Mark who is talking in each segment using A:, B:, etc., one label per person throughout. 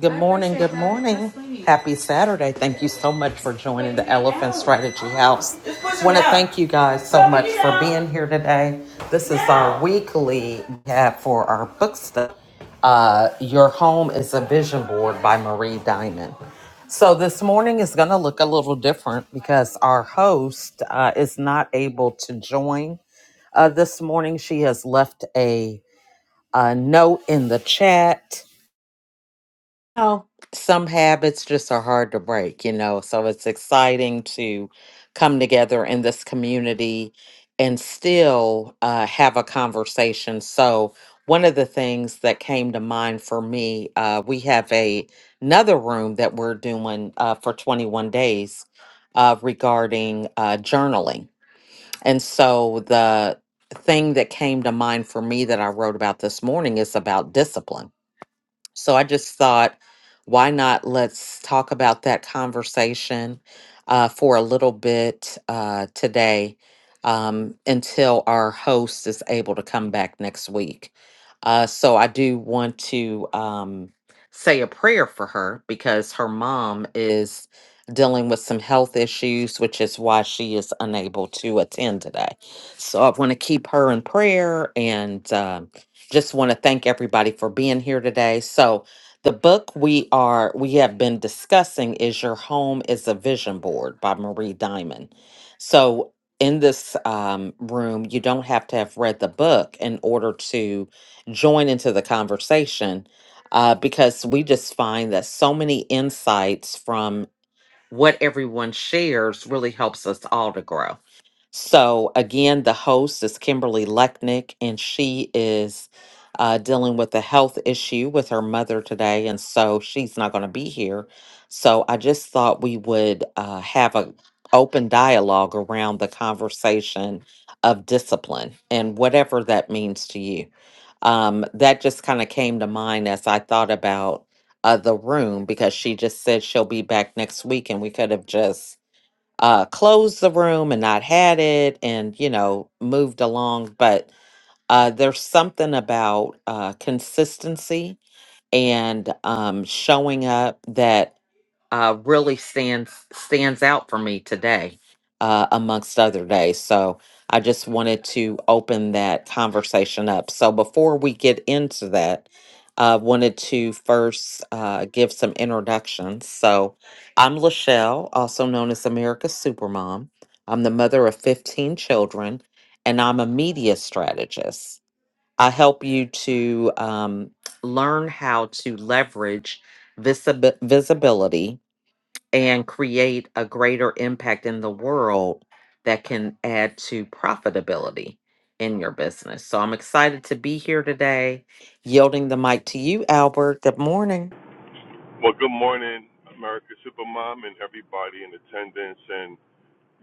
A: Good morning. Good morning. Happy Saturday. Thank you so much for joining the Elephant Strategy House. Want to thank you guys so much for being here today. This is our weekly have for our book stuff. Uh, Your Home is a Vision Board by Marie Diamond. So this morning is going to look a little different because our host uh, is not able to join uh, this morning. She has left a, a note in the chat know, some habits just are hard to break, you know. So it's exciting to come together in this community and still uh, have a conversation. So one of the things that came to mind for me, uh, we have a another room that we're doing uh, for 21 days uh, regarding uh, journaling, and so the thing that came to mind for me that I wrote about this morning is about discipline so I just thought, why not let's talk about that conversation uh, for a little bit uh, today um, until our host is able to come back next week. Uh, so I do want to um, say a prayer for her because her mom is dealing with some health issues, which is why she is unable to attend today. So I want to keep her in prayer and. um just want to thank everybody for being here today. So, the book we are we have been discussing is "Your Home Is a Vision Board" by Marie Diamond. So, in this um, room, you don't have to have read the book in order to join into the conversation, uh, because we just find that so many insights from what everyone shares really helps us all to grow. So, again, the host is Kimberly Lechnick, and she is uh, dealing with a health issue with her mother today. And so she's not going to be here. So, I just thought we would uh, have an open dialogue around the conversation of discipline and whatever that means to you. Um, that just kind of came to mind as I thought about uh, the room because she just said she'll be back next week, and we could have just uh, closed the room and not had it and, you know, moved along. But uh, there's something about uh, consistency and um, showing up that uh, really stands stands out for me today, uh, amongst other days. So I just wanted to open that conversation up. So before we get into that, I wanted to first uh, give some introductions. So I'm Lachelle, also known as America's Supermom. I'm the mother of 15 children, and I'm a media strategist. I help you to um, learn how to leverage visibi- visibility and create a greater impact in the world that can add to profitability in your business. So I'm excited to be here today, yielding the mic to you, Albert. Good morning.
B: Well, good morning, America Supermom, and everybody in attendance. And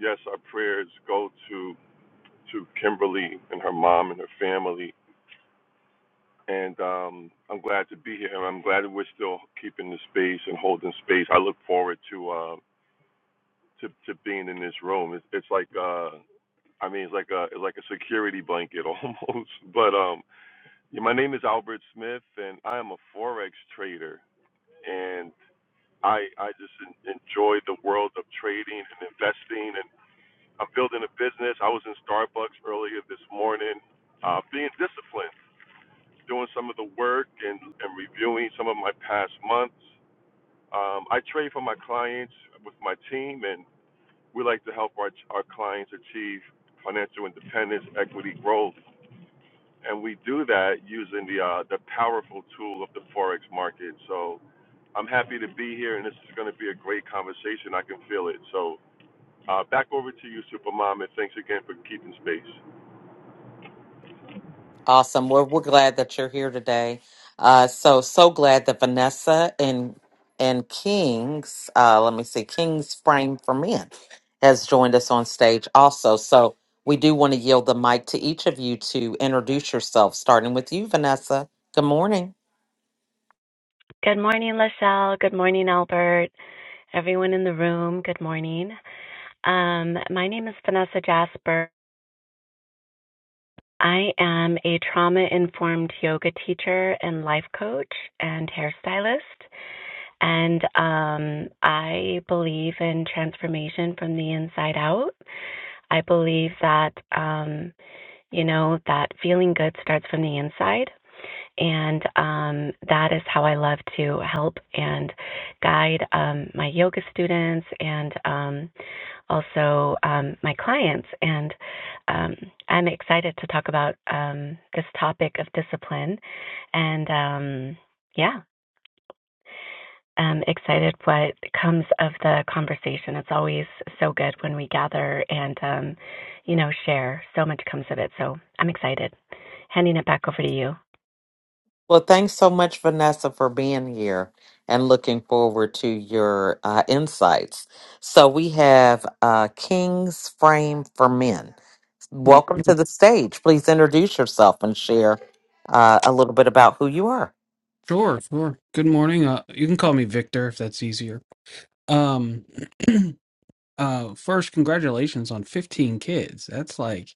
B: yes, our prayers go to to Kimberly and her mom and her family. And um, I'm glad to be here, and I'm glad that we're still keeping the space and holding space. I look forward to uh, to to being in this room. It's, it's like uh, I mean, it's like a it's like a security blanket almost. But um, yeah, my name is Albert Smith, and I am a forex trader. I I just en- enjoy the world of trading and investing, and I'm building a business. I was in Starbucks earlier this morning, uh, being disciplined, doing some of the work, and and reviewing some of my past months. Um, I trade for my clients with my team, and we like to help our our clients achieve financial independence, equity growth, and we do that using the uh, the powerful tool of the forex market. So I'm happy to be here, and this is going to be a great conversation. I can feel it. So uh, back over to you, Supermom, and thanks again for keeping space.
A: Awesome. We're, we're glad that you're here today. Uh, so, so glad that Vanessa and and King's, uh, let me see, King's Frame for Men has joined us on stage also. So, we do want to yield the mic to each of you to introduce yourself, starting with you, Vanessa. Good morning.
C: Good morning, LaSalle. Good morning, Albert. Everyone in the room, good morning. Um, my name is Vanessa Jasper. I am a trauma informed yoga teacher and life coach and hairstylist. And um, I believe in transformation from the inside out. I believe that, um, you know, that feeling good starts from the inside. And um, that is how I love to help and guide um, my yoga students and um, also um, my clients. And um, I'm excited to talk about um, this topic of discipline. And um, yeah, I'm excited what comes of the conversation. It's always so good when we gather and, um, you know, share. So much comes of it. So I'm excited. Handing it back over to you.
A: Well, thanks so much, Vanessa, for being here and looking forward to your uh, insights. So, we have uh, King's Frame for Men. Welcome to the stage. Please introduce yourself and share uh, a little bit about who you are.
D: Sure, sure. Good morning. Uh, you can call me Victor if that's easier. Um, uh, first, congratulations on 15 kids. That's like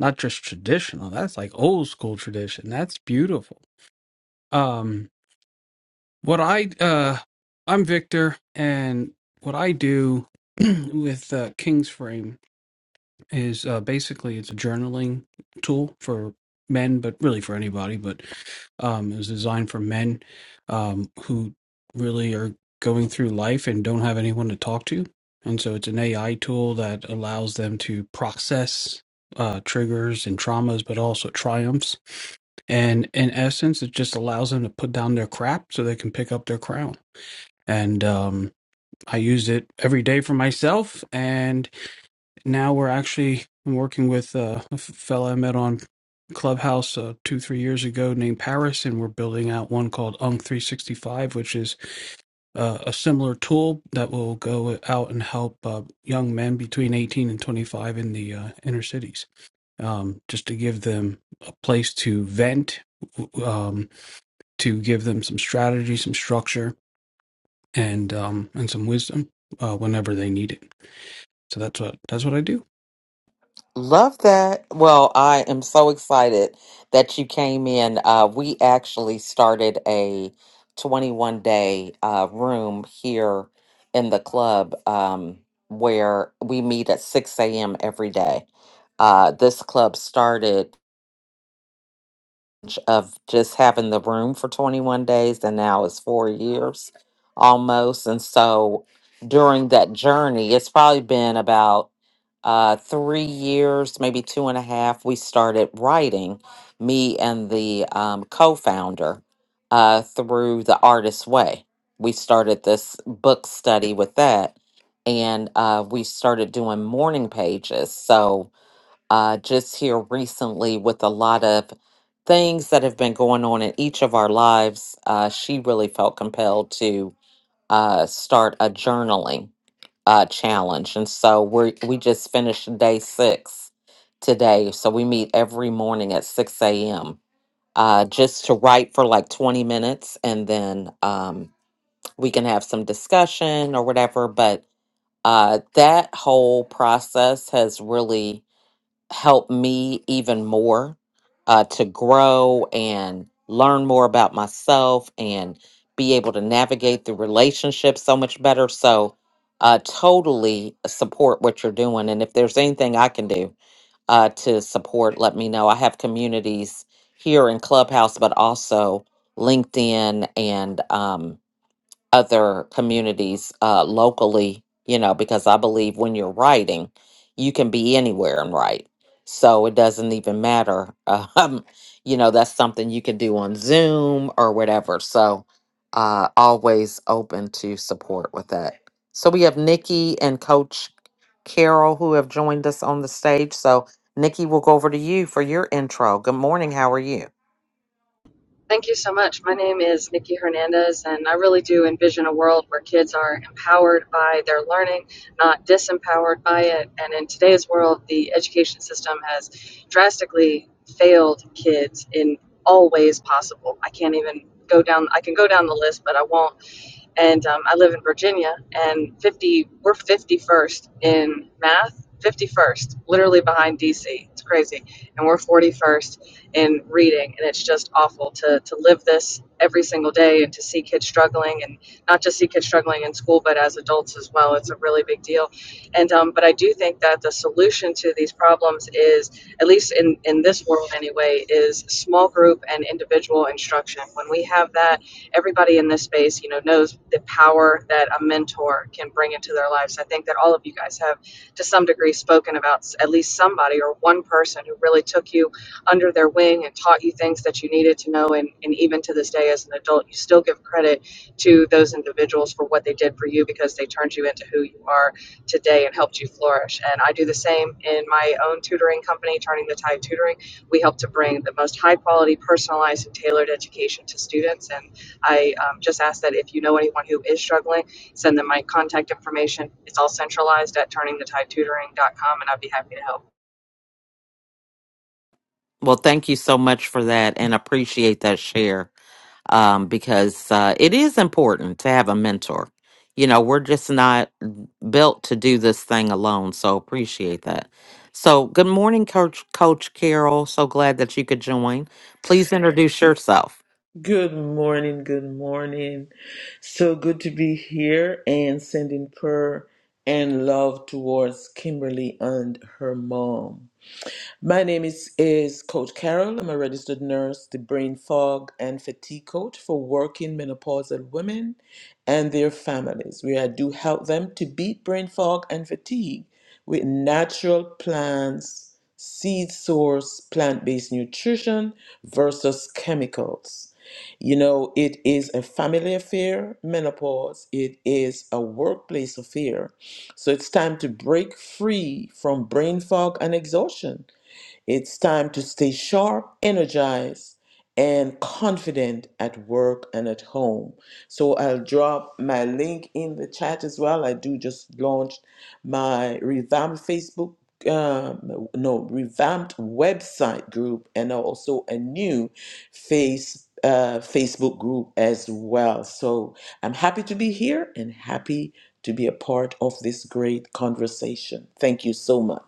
D: not just traditional, that's like old school tradition. That's beautiful. Um, what I, uh, I'm Victor, and what I do with uh, King's Frame is uh, basically it's a journaling tool for men, but really for anybody. But um, it was designed for men um, who really are going through life and don't have anyone to talk to. And so it's an AI tool that allows them to process uh, triggers and traumas, but also triumphs. And in essence, it just allows them to put down their crap so they can pick up their crown. And um, I used it every day for myself. And now we're actually working with uh, a fella I met on Clubhouse uh, two three years ago named Paris, and we're building out one called Unc 365, which is uh, a similar tool that will go out and help uh, young men between 18 and 25 in the uh, inner cities, um, just to give them a place to vent, um, to give them some strategy, some structure, and um, and some wisdom uh, whenever they need it. So that's what that's what I do.
A: Love that. Well, I am so excited that you came in. Uh, we actually started a 21 day uh, room here in the club um, where we meet at 6 a.m. every day. Uh, this club started of just having the room for 21 days and now it's four years almost and so during that journey it's probably been about uh, three years maybe two and a half we started writing me and the um, co-founder uh, through the Artist's way we started this book study with that and uh, we started doing morning pages so uh, just here recently with a lot of things that have been going on in each of our lives. Uh, she really felt compelled to uh, start a journaling uh, challenge, and so we we just finished day six today. So we meet every morning at six a.m. Uh, just to write for like 20 minutes and then um, we can have some discussion or whatever. But uh, that whole process has really help me even more uh, to grow and learn more about myself and be able to navigate the relationship so much better. So, uh, totally support what you're doing. And if there's anything I can do uh, to support, let me know. I have communities here in Clubhouse, but also LinkedIn and um, other communities uh, locally, you know, because I believe when you're writing, you can be anywhere and write. So it doesn't even matter. Um, you know, that's something you can do on Zoom or whatever. So uh, always open to support with that. So we have Nikki and Coach Carol who have joined us on the stage. So Nikki, we'll go over to you for your intro. Good morning. How are you?
E: Thank you so much. My name is Nikki Hernandez, and I really do envision a world where kids are empowered by their learning, not disempowered by it. And in today's world, the education system has drastically failed kids in all ways possible. I can't even go down, I can go down the list, but I won't and um, I live in Virginia. And 50, we're 51st in math, 51st, literally behind DC. It's crazy, and we're 41st in reading, and it's just awful to to live this every single day and to see kids struggling, and not just see kids struggling in school, but as adults as well. It's a really big deal, and um, but I do think that the solution to these problems is, at least in in this world anyway, is small group and individual instruction. When we have that everybody in this space, you know, knows the power that a mentor can bring into their lives. I think that all of you guys have, to some degree, spoken about at least somebody or one person who really took you under their wing and taught you things that you needed to know. And, and even to this day, as an adult, you still give credit to those individuals for what they did for you because they turned you into who you are today and helped you flourish. And I do the same in my own tutoring company, Turning the Tide Tutoring. We help to bring the most high quality, personalized, and tailored education to students. And I um, just ask that if you know anyone who is struggling, send them my contact information. It's all centralized at turningthetidetutoring.com, and I'd be happy to help.
A: Well, thank you so much for that and appreciate that share um, because uh, it is important to have a mentor. You know, we're just not built to do this thing alone. So appreciate that. So, good morning, Coach, Coach Carol. So glad that you could join. Please introduce yourself.
F: Good morning, good morning. So good to be here and sending prayer and love towards Kimberly and her mom. My name is, is Coach Carol. I'm a registered nurse, the brain fog and fatigue coach for working menopausal women and their families, where I do help them to beat brain fog and fatigue with natural plants, seed source, plant based nutrition versus chemicals. You know, it is a family affair, menopause. It is a workplace affair. So it's time to break free from brain fog and exhaustion it's time to stay sharp, energized, and confident at work and at home. So I'll drop my link in the chat as well. I do just launched my revamped Facebook, um, no, revamped website group, and also a new face uh, Facebook group as well. So I'm happy to be here and happy to be a part of this great conversation. Thank you so much.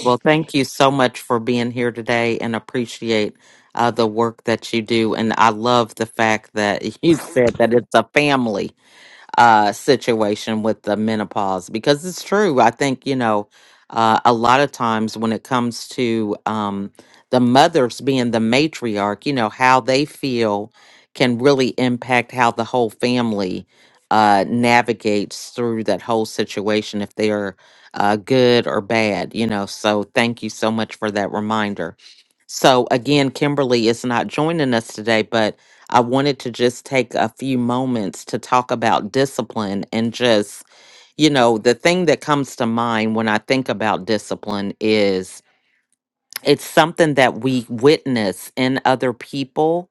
A: Well, thank you so much for being here today and appreciate uh, the work that you do. And I love the fact that you said that it's a family uh, situation with the menopause because it's true. I think, you know, uh, a lot of times when it comes to um, the mothers being the matriarch, you know, how they feel can really impact how the whole family uh, navigates through that whole situation if they're uh, good or bad, you know. So thank you so much for that reminder. So again, Kimberly is not joining us today, but I wanted to just take a few moments to talk about discipline and just, you know, the thing that comes to mind when I think about discipline is. It's something that we witness in other people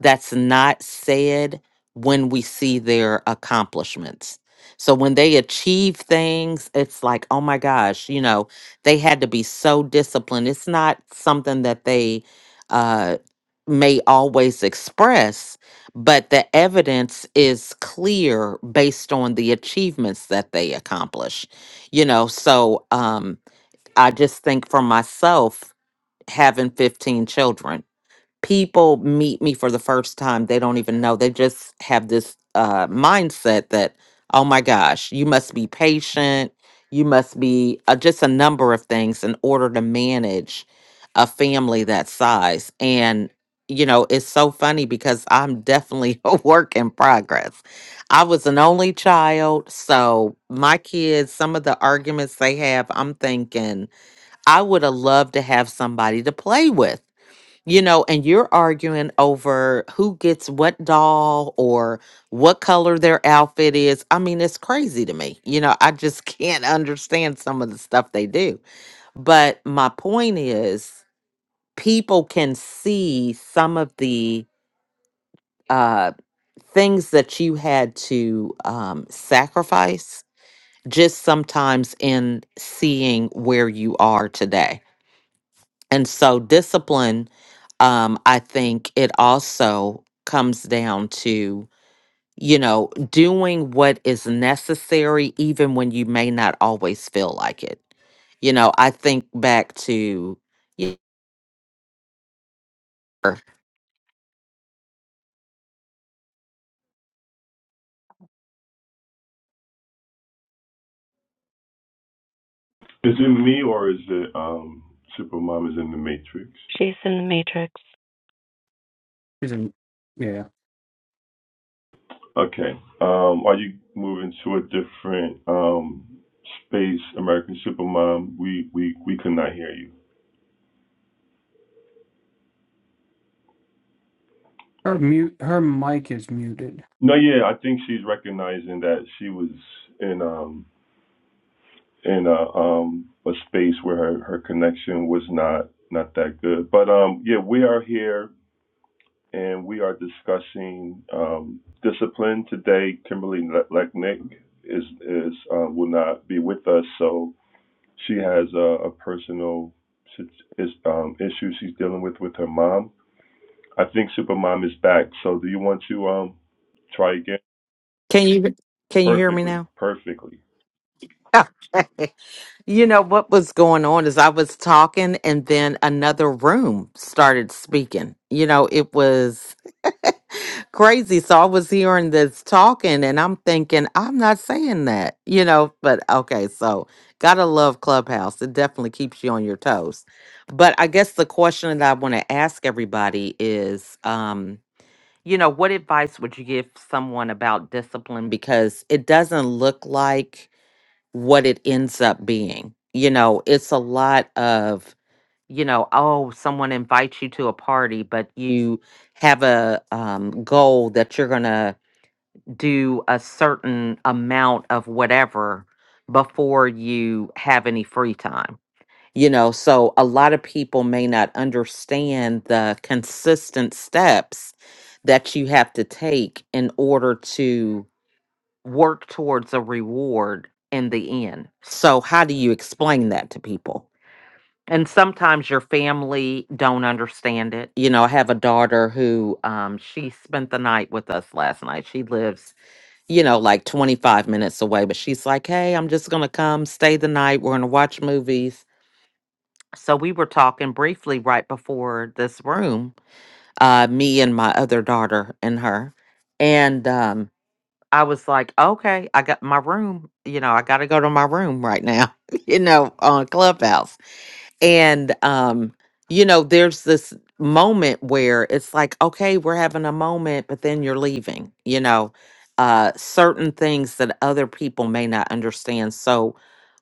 A: that's not said when we see their accomplishments. So when they achieve things, it's like, oh my gosh, you know, they had to be so disciplined. It's not something that they uh, may always express, but the evidence is clear based on the achievements that they accomplish. You know, so um, I just think for myself, having 15 children. People meet me for the first time. They don't even know. They just have this uh, mindset that, oh my gosh, you must be patient. You must be uh, just a number of things in order to manage a family that size. And, you know, it's so funny because I'm definitely a work in progress. I was an only child. So my kids, some of the arguments they have, I'm thinking, I would have loved to have somebody to play with, you know, and you're arguing over who gets what doll or what color their outfit is. I mean, it's crazy to me. You know, I just can't understand some of the stuff they do. But my point is, people can see some of the uh, things that you had to um, sacrifice just sometimes in seeing where you are today And so discipline, um, I think it also comes down to, you know, doing what is necessary even when you may not always feel like it. You know, I think back to yeah,
B: Is it me or is it um, Supermom is in the Matrix?
C: She's in the matrix.
D: Isn't- Yeah.
B: Okay. Um, are you moving to a different um, space, American Supermom? We we we could not hear you.
D: Her mute. Her mic is muted.
B: No, yeah, I think she's recognizing that she was in. Um, in a um a space where her, her connection was not not that good. But um yeah, we are here and we are discussing um discipline today. Kimberly Le- Lechnick is is uh, will not be with us, so she has a, a personal is um issue she's dealing with with her mom. I think Supermom is back. So do you want to um try again?
A: can you can you hear me
B: Perfectly,
A: now?
B: perfectly.
A: You know what was going on is I was talking and then another room started speaking. You know, it was crazy. So I was hearing this talking and I'm thinking, I'm not saying that, you know, but okay. So gotta love Clubhouse. It definitely keeps you on your toes. But I guess the question that I want to ask everybody is, um, you know, what advice would you give someone about discipline? Because it doesn't look like what it ends up being. You know, it's a lot of, you know, oh, someone invites you to a party, but you have a um, goal that you're going to do a certain amount of whatever before you have any free time. You know, so a lot of people may not understand the consistent steps that you have to take in order to work towards a reward in the end. So how do you explain that to people? And sometimes your family don't understand it. You know, I have a daughter who um she spent the night with us last night. She lives, you know, like 25 minutes away, but she's like, "Hey, I'm just going to come stay the night. We're going to watch movies." So we were talking briefly right before this room, uh me and my other daughter and her. And um I was like, okay, I got my room. You know, I got to go to my room right now, you know, on Clubhouse. And um, you know, there's this moment where it's like, okay, we're having a moment, but then you're leaving, you know, uh certain things that other people may not understand. So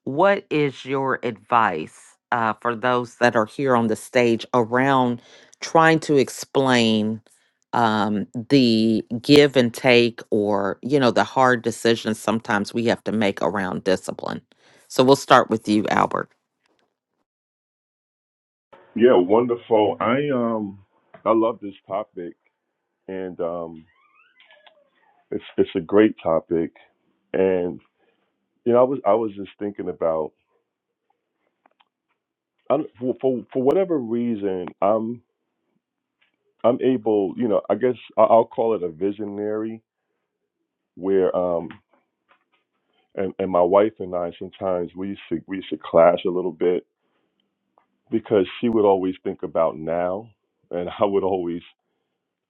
A: what is your advice uh for those that are here on the stage around trying to explain um the give and take or you know the hard decisions sometimes we have to make around discipline so we'll start with you albert
B: Yeah, wonderful. I um I love this topic and um, it's it's a great topic. And you know, I was I was just thinking about I do for, for for whatever reason, I'm I'm able, you know, I guess I- I'll call it a visionary, where um, and and my wife and I sometimes we used to we used to clash a little bit because she would always think about now, and I would always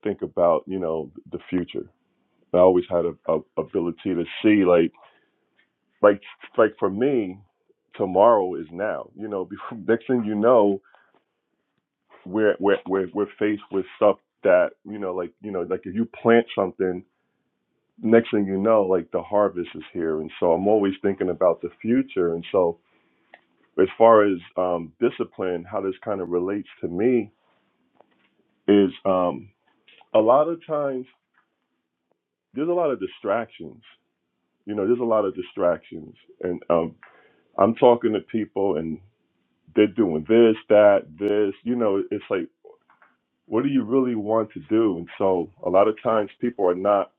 B: think about you know the future. I always had a, a ability to see like like like for me, tomorrow is now. You know, before, next thing you know, we're we're we're we're faced with stuff that you know, like you know, like if you plant something, next thing you know, like the harvest is here. And so I'm always thinking about the future. And so as far as um, discipline, how this kind of relates to me is um, a lot of times there's a lot of distractions. You know, there's a lot of distractions, and um, I'm talking to people, and. they're doing this, that, this. You know, it's like, what do you really want to do? And so a lot of times people are not,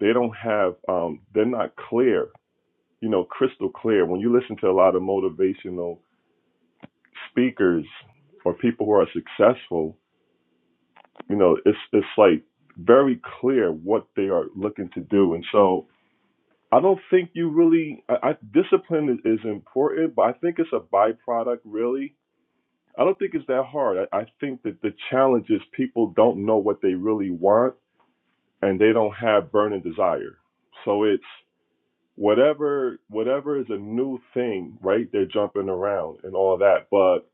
B: they don't have, um, they're not clear, you know, crystal clear. When you listen to a lot of motivational speakers or people who are successful, you know, it's it's like very clear what they are looking to do. And so I don't think you really, I, I, discipline is, is important, but I think it's a byproduct really I don't think it's that hard. I, I think that the challenge is people don't know what they really want and they don't have burning desire. So it's whatever whatever is a new thing, right? They're jumping around and all that. But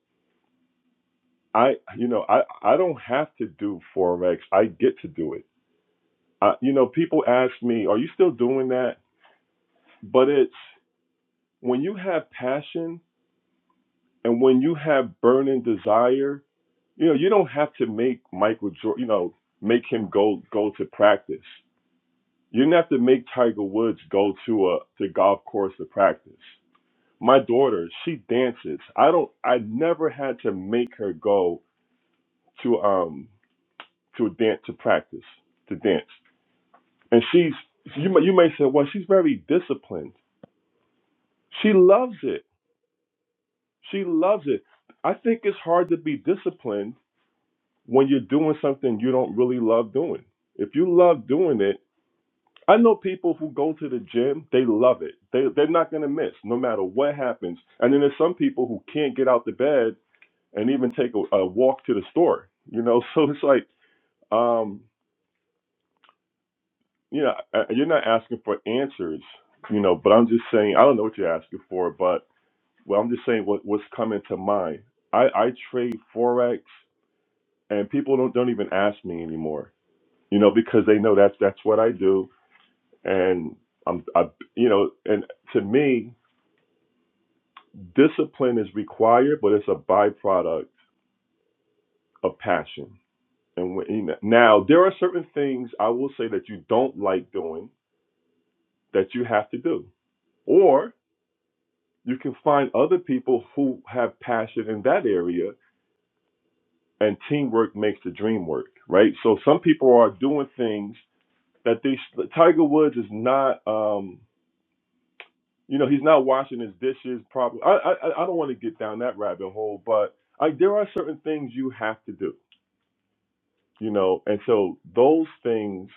B: I you know, I, I don't have to do Forex. I get to do it. I, you know, people ask me, Are you still doing that? But it's when you have passion and when you have burning desire You know, you don't have to make Michael Jordan, you know, make him go go to practice. You don't have to make Tiger Woods go to a to golf course to practice. My daughter, she dances. I don't I never had to make her go to um to a dance to practice to dance. And she's you may, you may say, well, she's very disciplined. She loves it. She loves it. I think it's hard to be disciplined when you're doing something you don't really love doing. If you love doing it I know people who go to the gym, they love it. They they're not gonna miss no matter what happens. And then there's some people who can't get out the bed and even take a, a walk to the store. You know, so it's like, um, you know, uh, you're not asking for answers, you know, but I'm just saying I don't know what you're asking for, but well, I'm just saying what what's coming to mind. I I trade forex, and people don't don't even ask me anymore, you know, because they know that's that's what I do, and I'm I you know, and to me discipline is required, but it's a byproduct of passion. And when, now there are certain things I will say that you don't like doing that you have to do, or you can find other people who have passion in that area, and teamwork makes the dream work, right? So some people are doing things that they. Tiger Woods is not, um, you know, he's not washing his dishes properly. I I, I I don't want to get down that rabbit hole, but I, there are certain things you have to do you know, and so those things,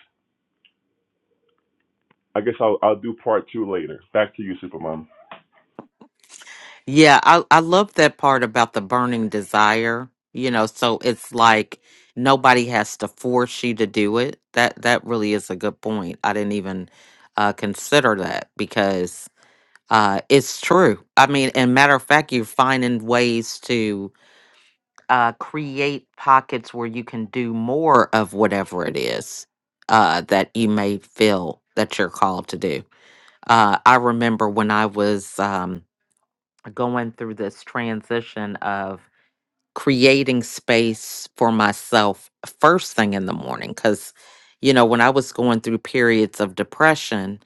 B: I guess I'll, I'll do part two later. Back to you, Supermom.
A: Yeah, I, I love that part about the burning desire. You know, so it's like nobody has to force you to do it. That that really is a good point. I didn't even uh, consider that because uh, it's true. I mean, and matter of fact, you're finding ways to uh, create pockets where you can do more of whatever it is uh, that you may feel that you're called to do. Uh, I remember when I was. Um, going through this transition of creating space for myself first thing in the morning. Because, you know, when I was going through periods of depression,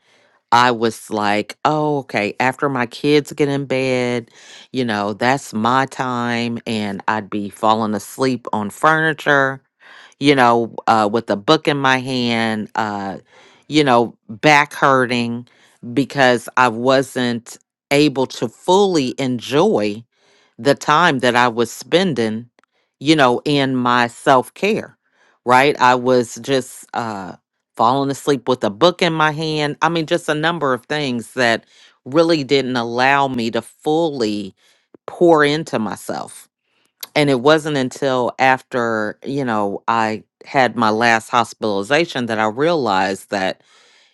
A: I was like, oh, okay, after my kids get in bed, you know, that's my time. And I'd be falling asleep on furniture, you know, uh, with a book in my hand, uh, you know, back hurting because I wasn't able to fully enjoy the time that I was spending, you know, in my self care, right? I was just, uh, falling asleep with a book in my hand. I mean, just a number of things that really didn't allow me to fully pour into myself. And it wasn't until after, you know, I had my last hospitalization that I realized that,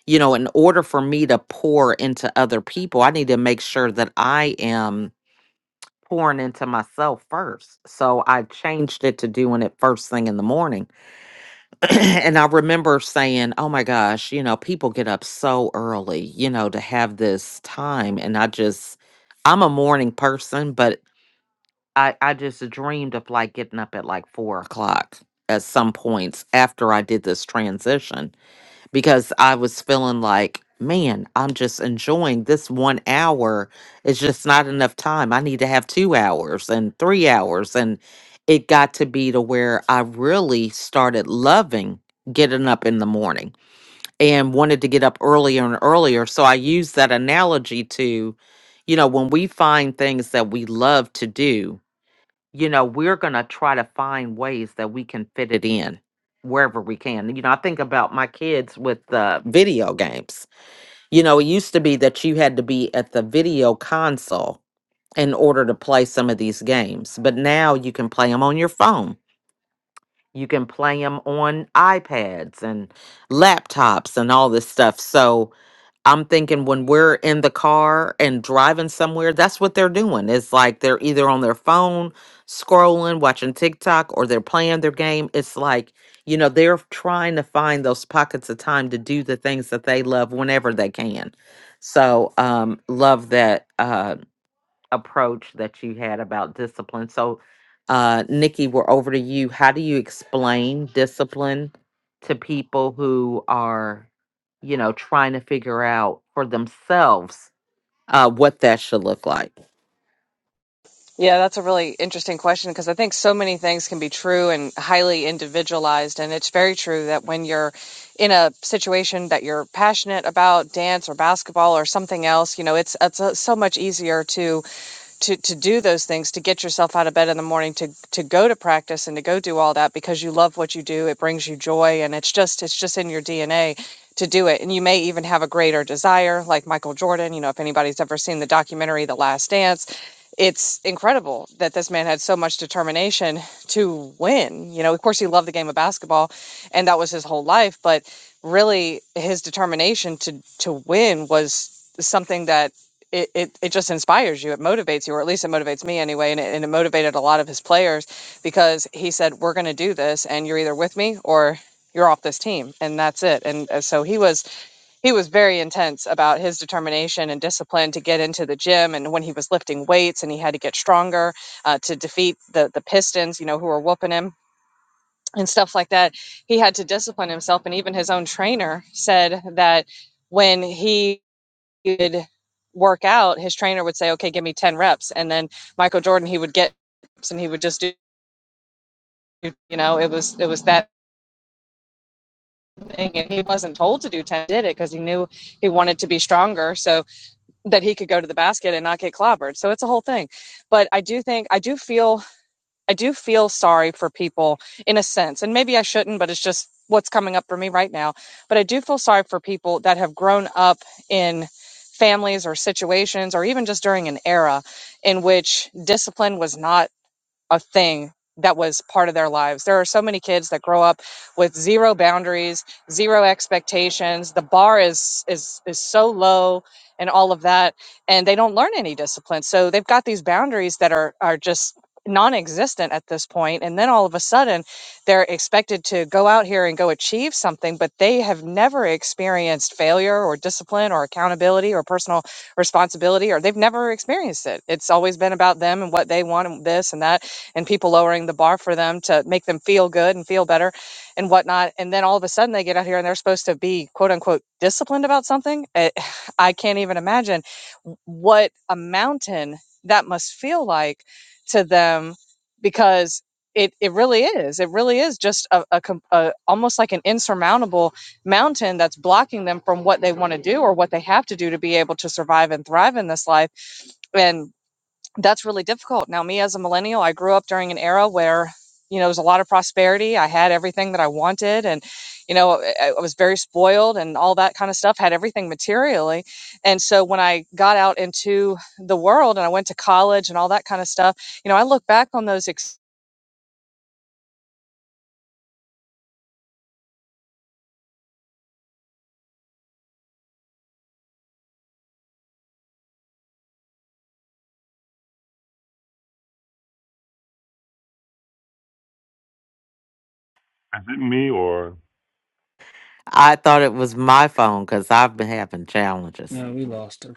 A: you know, in order for me to pour into other people, I need to make sure that I am pouring into myself first. So I changed it to doing it first thing in the morning and I remember saying, "Oh my gosh, you know, people get up so early, you know, to have this time." And I just, I'm a morning person, but I, I just dreamed of like getting up at like four o'clock at some points after I did this transition because I was feeling like, man, I'm just enjoying this one hour. It's just not enough time. I need to have two hours and three hours. And it got to be to where I really started loving getting up in the morning and wanted to get up earlier and earlier. So I use that analogy to, you know, when we find things that we love to do, you know, we're going to try to find ways that we can fit it in wherever we can. You know, I think about my kids with the video games. You know, it used to be that you had to be at the video console in order to play some of these games, but now you can play them on your phone. You can play them on iPads and laptops and all this stuff. So, I'm thinking when we're in the car and driving somewhere, that's what they're doing. It's like they're either on their phone, scrolling, watching TikTok, or they're playing their game. It's like, you know, they're trying to find those pockets of time to do the things that they love whenever they can. So, um, love that. Uh, approach that you had about discipline. So, uh, Nikki, we're over to you. How do you explain discipline to people who are, you know, trying to figure out for themselves uh, what that should look like?
E: Yeah, that's a really interesting question because I think so many things can be true and highly individualized. And it's very true that when you're in a situation that you're passionate about, dance or basketball or something else, you know, it's it's uh, so much easier to to to do those things to get yourself out of bed in the morning to to go to practice and to go do all that because you love what you do it brings you joy and it's just it's just in your DNA to do it and you may even have a greater desire like Michael Jordan you know if anybody's ever seen the documentary The Last Dance it's incredible that this man had so much determination to win. You know, of course, he loved the game of basketball, and that was his whole life. But really, his determination to to win was something that it, it, it just inspires you. It motivates you, or at least it motivates me anyway. And it, and it motivated a lot of his players because he said, "We're going to do this, and you're either with me or." You're off this team, and that's it. And uh, so he was he was very intense about his determination and discipline to get into the gym and when he was lifting weights and he had to get stronger uh, to defeat the the pistons you know who were whooping him and stuff like that he had to discipline himself and even his own trainer said that when he would work out his trainer would say okay give me 10 reps and then michael jordan he would get reps and he would just do you know it was it was that thing and he wasn't told to do 10 did it because he knew he wanted to be stronger so that he could go to the basket and not get clobbered. So it's a whole thing. But I do think I do feel I do feel sorry for people in a sense. And maybe I shouldn't, but it's just what's coming up for me right now. But I do feel sorry for people that have grown up in families or situations or even just during an era in which discipline was not a thing that was part of their lives. There are so many kids that grow up with zero boundaries, zero expectations. The bar is is is so low and all of that and they don't learn any discipline. So they've got these boundaries that are are just non-existent at this point and then all of a sudden they're expected to go out here and go achieve something but they have never experienced failure or discipline or accountability or personal responsibility or they've never experienced it it's always been about them and what they want and this and that and people lowering the bar for them to make them feel good and feel better and whatnot. And then all of a sudden they get out here and they're supposed to be quote unquote disciplined about something. It, I can't even imagine what a mountain that must feel like to them because it, it really is. It really is just a, a, a almost like an insurmountable mountain that's blocking them from what they want to do or what they have to do to be able to survive and thrive in this life. And that's really difficult. Now, me as a millennial, I grew up during an era where, you know, there was a lot of prosperity. I had everything that I wanted and, you know, I I was very spoiled and all that kind of stuff, had everything materially. And so when I got out into the world and I went to college and all that kind of stuff, you know, I look back on those experiences
B: Is it me or?
A: I thought it was my phone because I've been having challenges.
D: No, we lost her.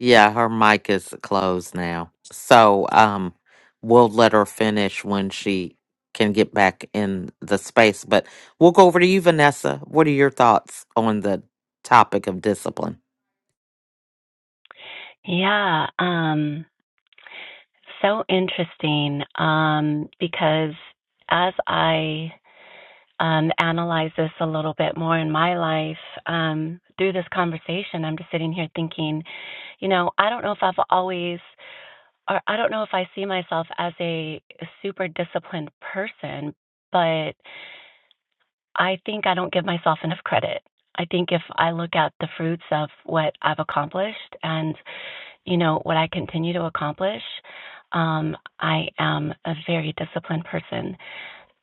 A: Yeah, her mic is closed now. So, um, we'll let her finish when she can get back in the space. But we'll go over to you, Vanessa. What are your thoughts on the topic of discipline?
C: Yeah, um, so interesting um, because as I um, analyze this a little bit more in my life um, through this conversation, I'm just sitting here thinking, you know, I don't know if I've always, or I don't know if I see myself as a super disciplined person, but I think I don't give myself enough credit. I think if I look at the fruits of what I've accomplished and you know, what I continue to accomplish. Um, I am a very disciplined person.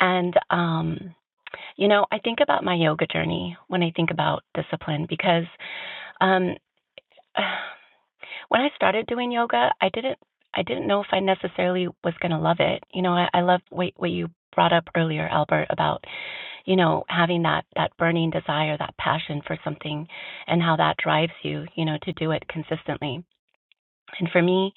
C: And, um, you know, I think about my yoga journey when I think about discipline because um, when I started doing yoga, I didn't. I didn't know if I necessarily was going to love it. You know, I, I love what, what you brought up earlier, Albert, about you know having that that burning desire, that passion for something, and how that drives you, you know, to do it consistently And for me,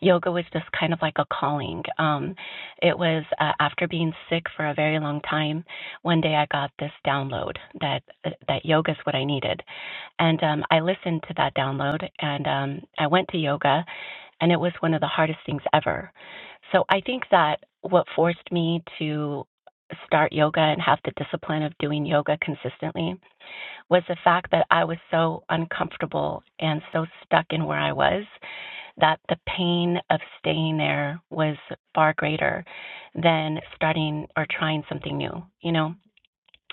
C: yoga was just kind of like a calling. Um, it was uh, after being sick for a very long time. One day, I got this download that that yoga is what I needed, and um, I listened to that download, and um, I went to yoga, and it was one of the hardest things ever. So I think that what forced me to start yoga and have the discipline of doing yoga consistently was the fact that I was so uncomfortable and so stuck in where I was that the pain of staying there was far greater than starting or trying something new, you know?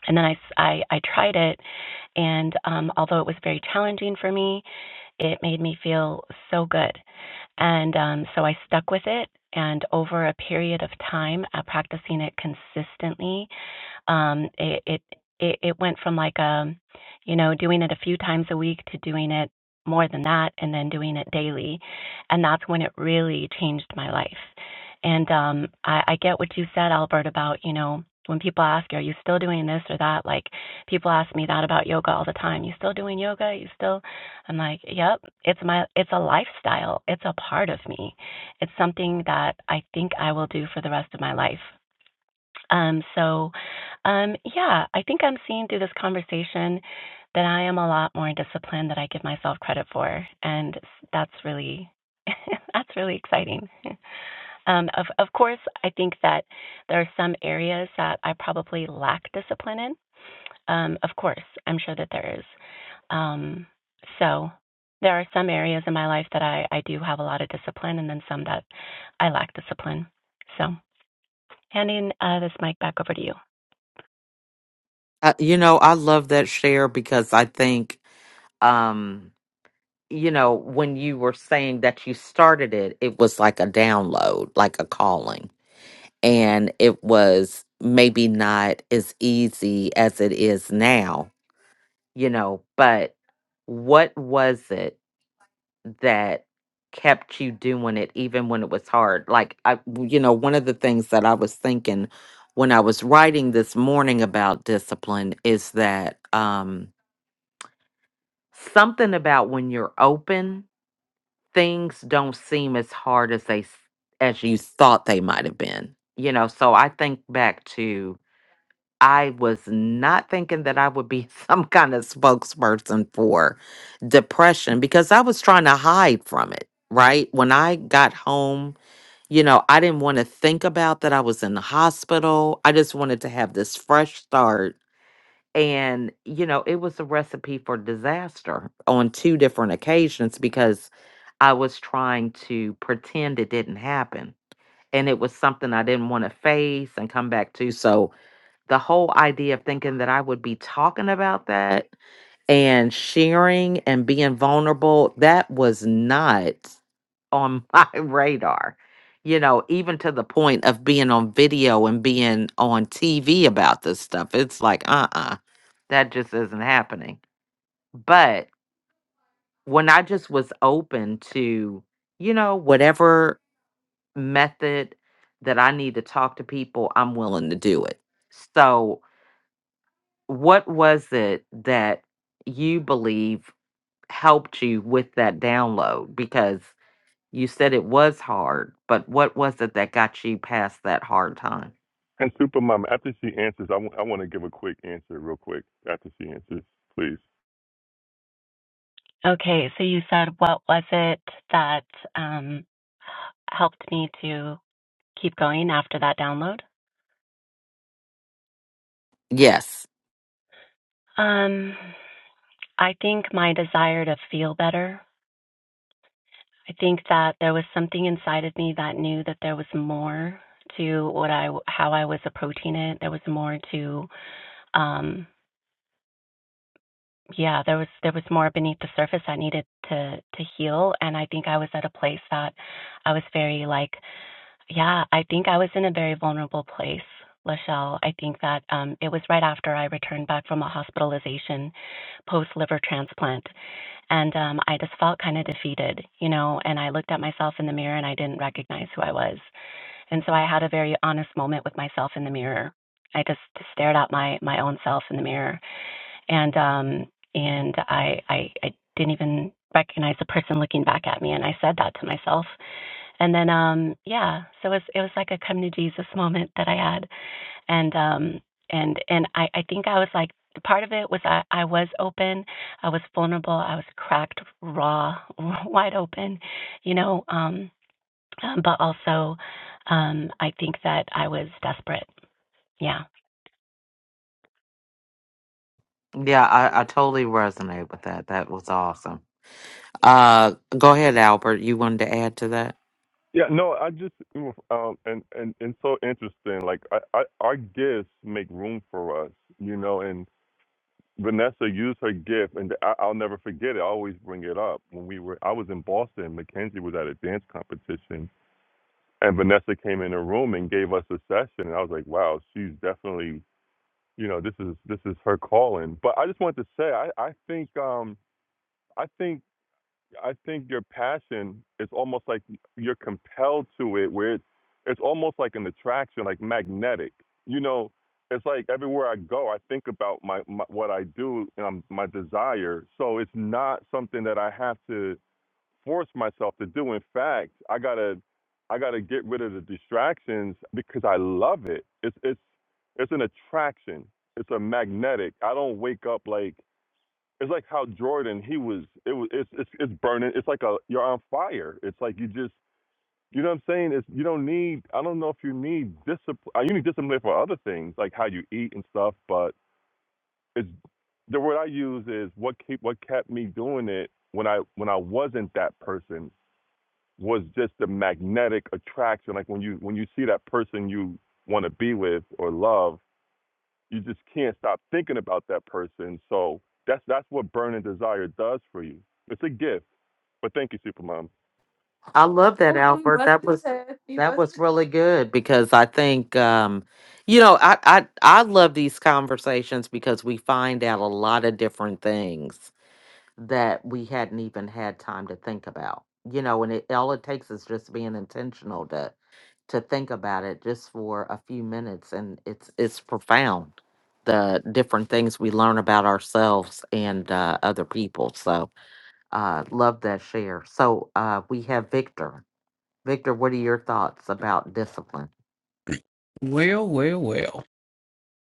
C: And then I, I, I tried it, and um, although it was very challenging for me, it made me feel so good. And um, so I stuck with it. And over a period of time, uh, practicing it consistently, um, it, it it went from like a, you know, doing it a few times a week to doing it more than that, and then doing it daily, and that's when it really changed my life. And um, I, I get what you said, Albert, about you know when people ask you, are you still doing this or that? Like people ask me that about yoga all the time. You still doing yoga? You still? I'm like, yep. It's my it's a lifestyle. It's a part of me. It's something that I think I will do for the rest of my life. Um, so, um, yeah, I think I'm seeing through this conversation that I am a lot more disciplined than I give myself credit for, and that's really that's really exciting. Um, of of course, I think that there are some areas that I probably lack discipline in. Um, of course, I'm sure that there is. Um, so. There are some areas in my life that I, I do have a lot of discipline, and then some that I lack discipline. So, handing uh, this mic back over to you.
A: Uh, you know, I love that share because I think, um, you know, when you were saying that you started it, it was like a download, like a calling. And it was maybe not as easy as it is now, you know, but what was it that kept you doing it even when it was hard? Like, I, you know, one of the things that I was thinking when I was writing this morning about discipline is that um, something about when you're open things don't seem as hard as they s- as you thought they might have been. You know, so I think back to I was not thinking that I would be some kind of spokesperson for depression because I was trying to hide from it, right? When I got home, you know, I didn't want to think about that I was in the hospital. I just wanted to have this fresh start and you know it was a recipe for disaster on two different occasions because i was trying to pretend it didn't happen and it was something i didn't want to face and come back to so the whole idea of thinking that i would be talking about that and sharing and being vulnerable that was not on my radar. You know, even to the point of being on video and being on TV about this stuff. It's like, uh uh that just isn't happening. But when I just was open to, you know, whatever method that I need to talk to people, I'm willing to do it. So, what was it that you believe helped you with that download? Because You said it was hard, but what was it that got you past that hard time?
B: And Supermom, after she answers, I w- I want to give a quick answer, real quick. After she answers, please.
C: Okay, so you said what was it that um, helped me to keep going after that download?
A: Yes.
C: Um, I think my desire to feel better. I think that there was something inside of me that knew that there was more to what I how I was approaching it. There was more to um yeah, there was there was more beneath the surface I needed to to heal and I think I was at a place that I was very like Yeah, I think I was in a very vulnerable place, Lachelle. I think that um, it was right after I returned back from a hospitalization post liver transplant. And um, I just felt kind of defeated, you know, and I looked at myself in the mirror and I didn't recognize who I was. And so I had a very honest moment with myself in the mirror. I just stared at my, my own self in the mirror. And, um, and I, I, I didn't even recognize the person looking back at me. And I said that to myself. And then um yeah, so it was it was like a come to Jesus moment that I had. And um and and I, I think I was like part of it was I, I was open, I was vulnerable, I was cracked raw, wide open, you know, um um, but also um I think that I was desperate. Yeah.
A: Yeah, I, I totally resonate with that. That was awesome. Uh, go ahead, Albert. You wanted to add to that?
B: Yeah, no, I just mm, um, and and and so interesting. Like, I, I our gifts make room for us, you know. And Vanessa used her gift, and I, I'll never forget it. I always bring it up. When we were, I was in Boston. Mackenzie was at a dance competition, and Vanessa came in the room and gave us a session, and I was like, wow, she's definitely, you know, this is this is her calling. But I just wanted to say, I I think um I think I think your passion is almost like you're compelled to it, where it's it's almost like an attraction, like magnetic. You know, it's like everywhere I go, I think about my, my what I do, um, my desire. So it's not something that I have to force myself to do. In fact, I gotta I gotta get rid of the distractions because I love it. It's it's it's an attraction. It's a magnetic. I don't wake up like it's like how Jordan he was. It was it's it's, it's burning. It's like a you're on fire. It's like you just you know what I'm saying. It's you don't need. I don't know if you need discipline. You need discipline for other things like how you eat and stuff. But it's the word I use is what keep what kept me doing it when I when I wasn't that person was just the magnetic attraction. Like when you when you see that person you want to be with or love, you just can't stop thinking about that person. So that's that's what burning desire does for you. It's a gift. But thank you, Supermom.
A: I love that, Albert. That have was that was really good because I think um, you know I, I I love these conversations because we find out a lot of different things that we hadn't even had time to think about. You know, and it all it takes is just being intentional to to think about it just for a few minutes, and it's it's profound the different things we learn about ourselves and uh, other people. So uh, love that share. So uh, we have Victor. Victor, what are your thoughts about discipline?
D: Well, well, well.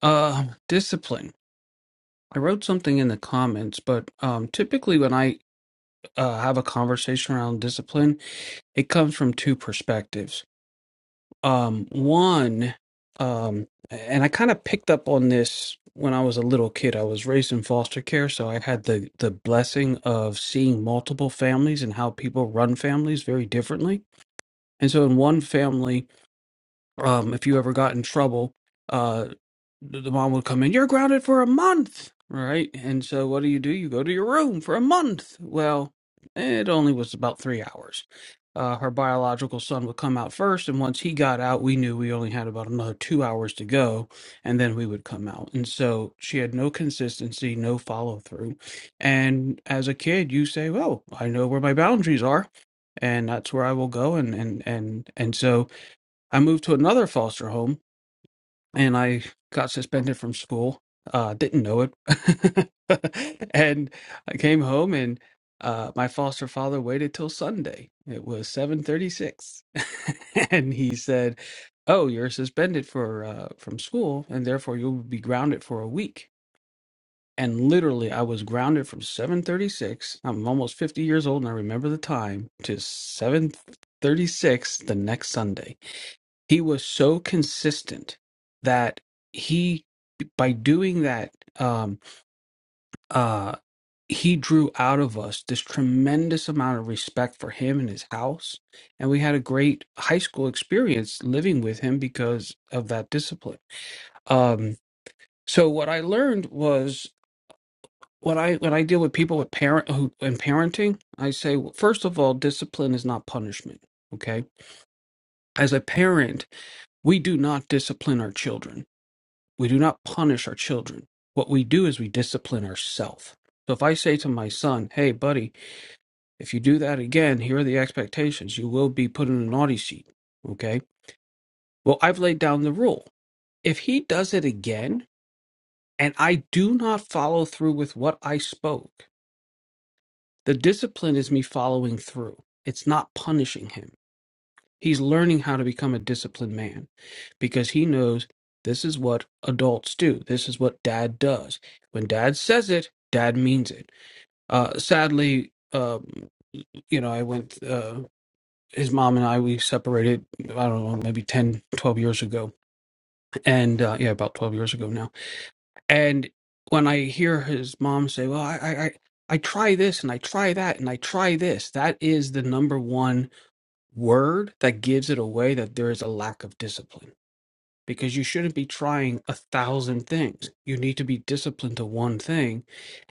D: Uh, discipline. I wrote something in the comments, but um, typically when I uh, have a conversation around discipline, it comes from two perspectives. Um, one, um, and I kind of picked up on this when I was a little kid. I was raised in foster care, so I had the the blessing of seeing multiple families and how people run families very differently. And so, in one family, Um, if you ever got in trouble, uh, the the mom would come in, you're grounded for a month, right? And so what do you do? You go to your room for a month. Well, it only was about three hours. Uh, her biological son would come out first, and once he got out, we knew we only had about another two hours to go, and then we would come out. And so she had no consistency, no follow through. And as a kid, you say, "Well, I know where my boundaries are, and that's where I will go." And and and and so I moved to another foster home and I got suspended from school. Uh, didn't know it. and I came home and uh, my foster father waited till Sunday. It was 7:36. and he said, "Oh, you're suspended for uh, from school and therefore you'll be grounded for a week." And literally I was grounded from 7:36. I'm almost 50 years old and I remember the time to 7:36 the next Sunday he was so consistent that he by doing that um uh he drew out of us this tremendous amount of respect for him and his house and we had a great high school experience living with him because of that discipline um so what i learned was when i when i deal with people with parent who in parenting i say well, first of all discipline is not punishment okay as a parent we do not discipline our children We do not punish our children. What we do is we discipline ourselves. So if I say to my son, hey, buddy, if you do that again, here are the expectations. You will be put in a naughty seat. Okay. Well, I've laid down the rule. If he does it again and I do not follow through with what I spoke, the discipline is me following through. It's not punishing him. He's learning how to become a disciplined man because he knows this is what adults do. This is what dad does. When dad says it, dad means it. Uh, sadly, um, you know, I went, uh, his mom and I, we separated, I don't know, maybe 10, 12 years ago. And uh, yeah, about 12 years ago now. And when I hear his mom say, well, I, I, I I try this and I try that and I try this, that is the number one word that gives it away that there is a lack of discipline because you shouldn't be trying a thousand things. You need to be disciplined to one thing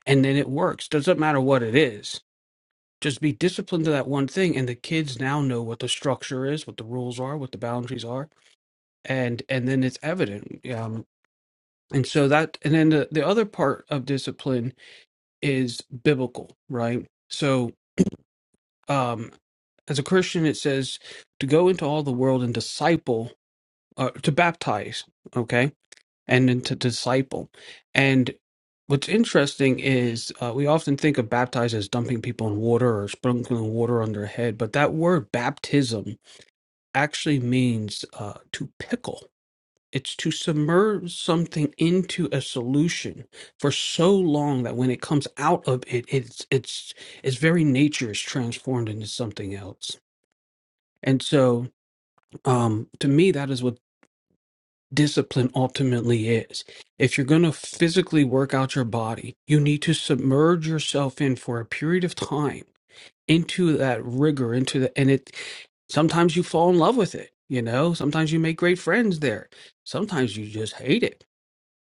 D: and then it works. Doesn't matter what it is. Just be disciplined to that one thing and the kids now know what the structure is, what the rules are, what the boundaries are and and then it's evident. Um and so that and then the, the other part of discipline is biblical, right? So um as a Christian it says to go into all the world and disciple uh, to baptize, okay, and then to disciple. And what's interesting is uh, we often think of baptize as dumping people in water or sprinkling water on their head, but that word baptism actually means uh, to pickle. It's to submerge something into a solution for so long that when it comes out of it, it's it's its very nature is transformed into something else. And so, um, to me, that is what discipline ultimately is. If you're going to physically work out your body, you need to submerge yourself in for a period of time into that rigor, into the, and it, sometimes you fall in love with it, you know, sometimes you make great friends there, sometimes you just hate it,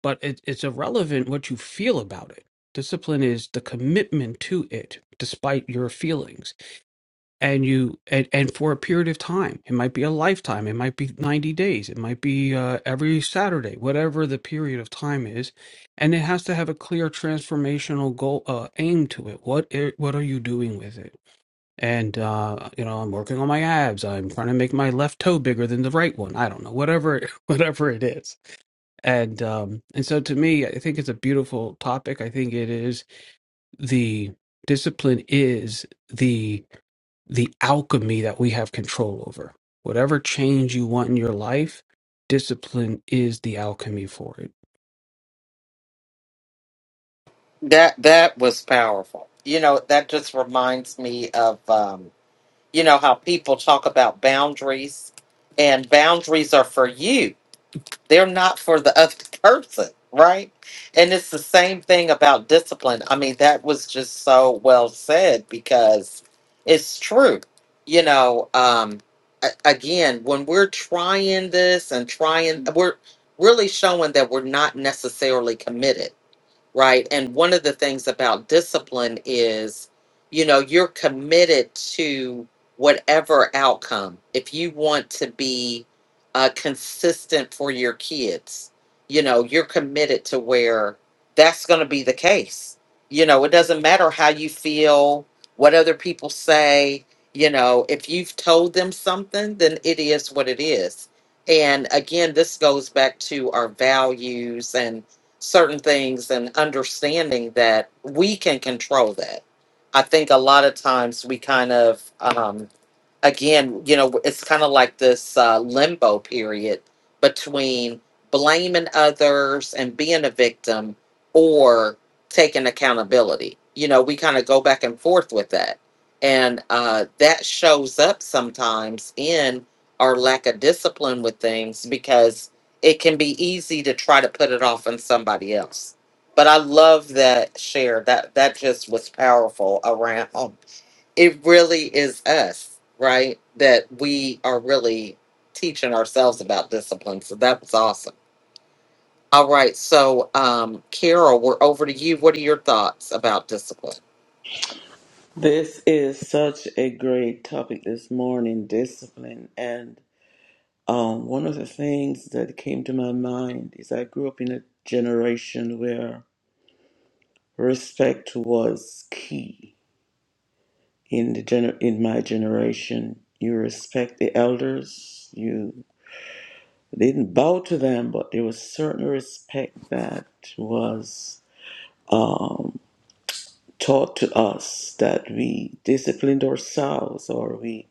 D: but it, it's irrelevant what you feel about it. Discipline is the commitment to it, despite your feelings and you and, and for a period of time it might be a lifetime it might be 90 days it might be uh, every saturday whatever the period of time is and it has to have a clear transformational goal uh, aim to it what i- what are you doing with it and uh, you know i'm working on my abs i'm trying to make my left toe bigger than the right one i don't know whatever whatever it is and um and so to me i think it's a beautiful topic i think it is the discipline is the the alchemy that we have control over. Whatever change you want in your life, discipline is the alchemy for it.
A: That that was powerful. You know, that just reminds me of um, you know how people talk about boundaries, and boundaries are for you. They're not for the other person, right? And it's the same thing about discipline. I mean, that was just so well said because it's true. You know, um, a- again, when we're trying this and trying, we're really showing that we're not necessarily committed right? And one of the things about discipline is, you know, you're committed to whatever outcome. If you want to be uh, consistent for your kids, you know, you're committed to where that's going to be the case. You know, it doesn't matter how you feel, what other people say. You know, if you've told them something, then it is what it is. And again, this goes back to our values and certain things and understanding that we can control that. I think a lot of times we kind of um, again, you know, it's kind of like this uh, limbo period between blaming others and being a victim or taking accountability. You know, we kind of go back and forth with that. And uh, that shows up sometimes in our lack of discipline with things because it can be easy to try to put it off on somebody else. But I love that share. That that just was powerful around it really is us, right? That we are really teaching ourselves about discipline. So that was awesome. All right. So, um, Carol, we're over to you. What are your thoughts about discipline?
F: This is such a great topic this morning, discipline. And um, one of the things that came to my mind is I grew up in a generation where respect was key. In the gener- in my generation, you respect the elders. You didn't bow to them, but there was certain respect that was um, taught to us that we disciplined ourselves or we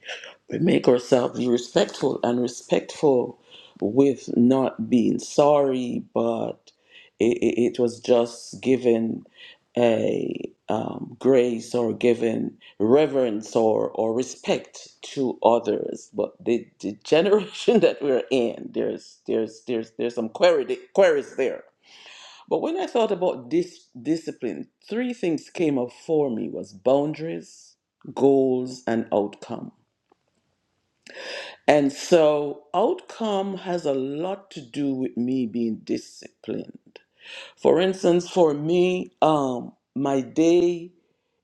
F: We make ourselves be respectful and respectful with not being sorry, but it, it, it was just given a um, grace or given reverence or, or respect to others. But the, the generation that we're in, there's there's there's there's some query, queries there. But when I thought about this discipline, three things came up for me was boundaries, goals, and outcome and so, outcome has a lot to do with me being disciplined. For instance, for me, um, my day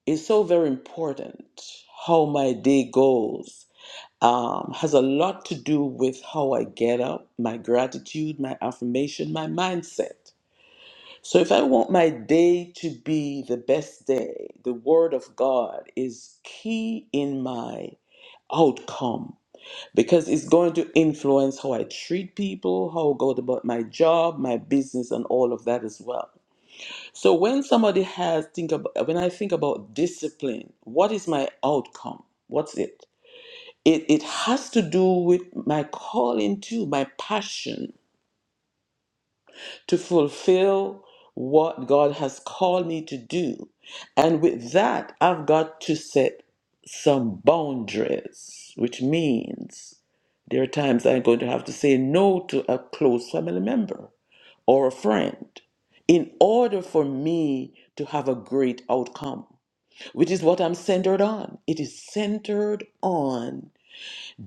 F: is so very important. How my day goes um, has a lot to do with how I get up, my gratitude, my affirmation, my mindset. So, if I want my day to be the best day, the Word of God is key in my outcome because it's going to influence how I treat people, how I go about my job, my business, and all of that as well. So when somebody has think about when I think about discipline, what is my outcome? What's it? It it has to do with my calling too, my passion to fulfill what God has called me to do. And with that, I've got to set some boundaries, which means there are times I'm going to have to say no to a close family member or a friend in order for me to have a great outcome, which is what I'm centered on. It is centered on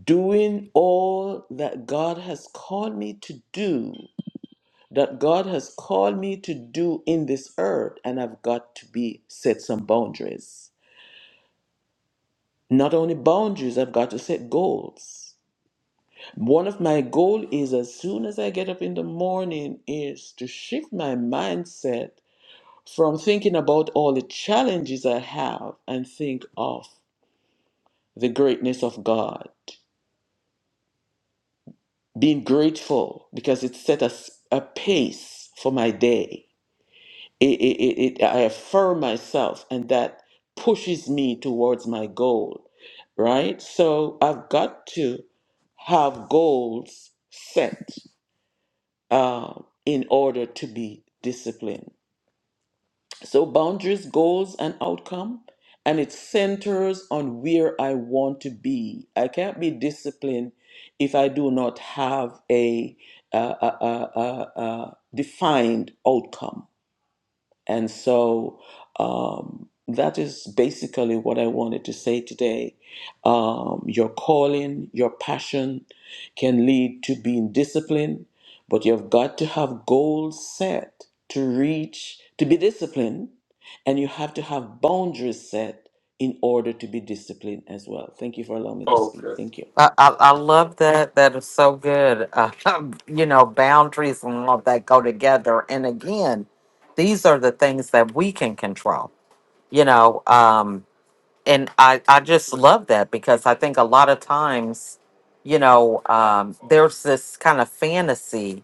F: doing all that God has called me to do that God has called me to do in this earth, and I've got to be set some boundaries. Not only boundaries, I've got to set goals. One of my goal is as soon as I get up in the morning is to shift my mindset from thinking about all the challenges I have and think of the greatness of God. Being grateful because it set a, s- a pace for my day it, it, it, it- I affirm myself, and that pushes me towards my goal, right? So I've got to have goals set uh, in order to be disciplined. So boundaries, goals, and outcome, and it centers on where I want to be. I can't be disciplined if I do not have a, uh, a, a, a, a defined outcome and so um, that is basically what I wanted to say today. Um, your calling, your passion can lead to being disciplined, but you've got to have goals set to reach, to be disciplined, and you have to have boundaries set in order to be disciplined as well. Thank you for allowing me to speak.
A: Okay.
F: Thank you.
A: I, I, I love that. That is so good. Um, you know, boundaries and all of that go together. And again, these are the things that we can control. You know, and I, I just love that because I think a lot of times, you know, um, there's this kind of fantasy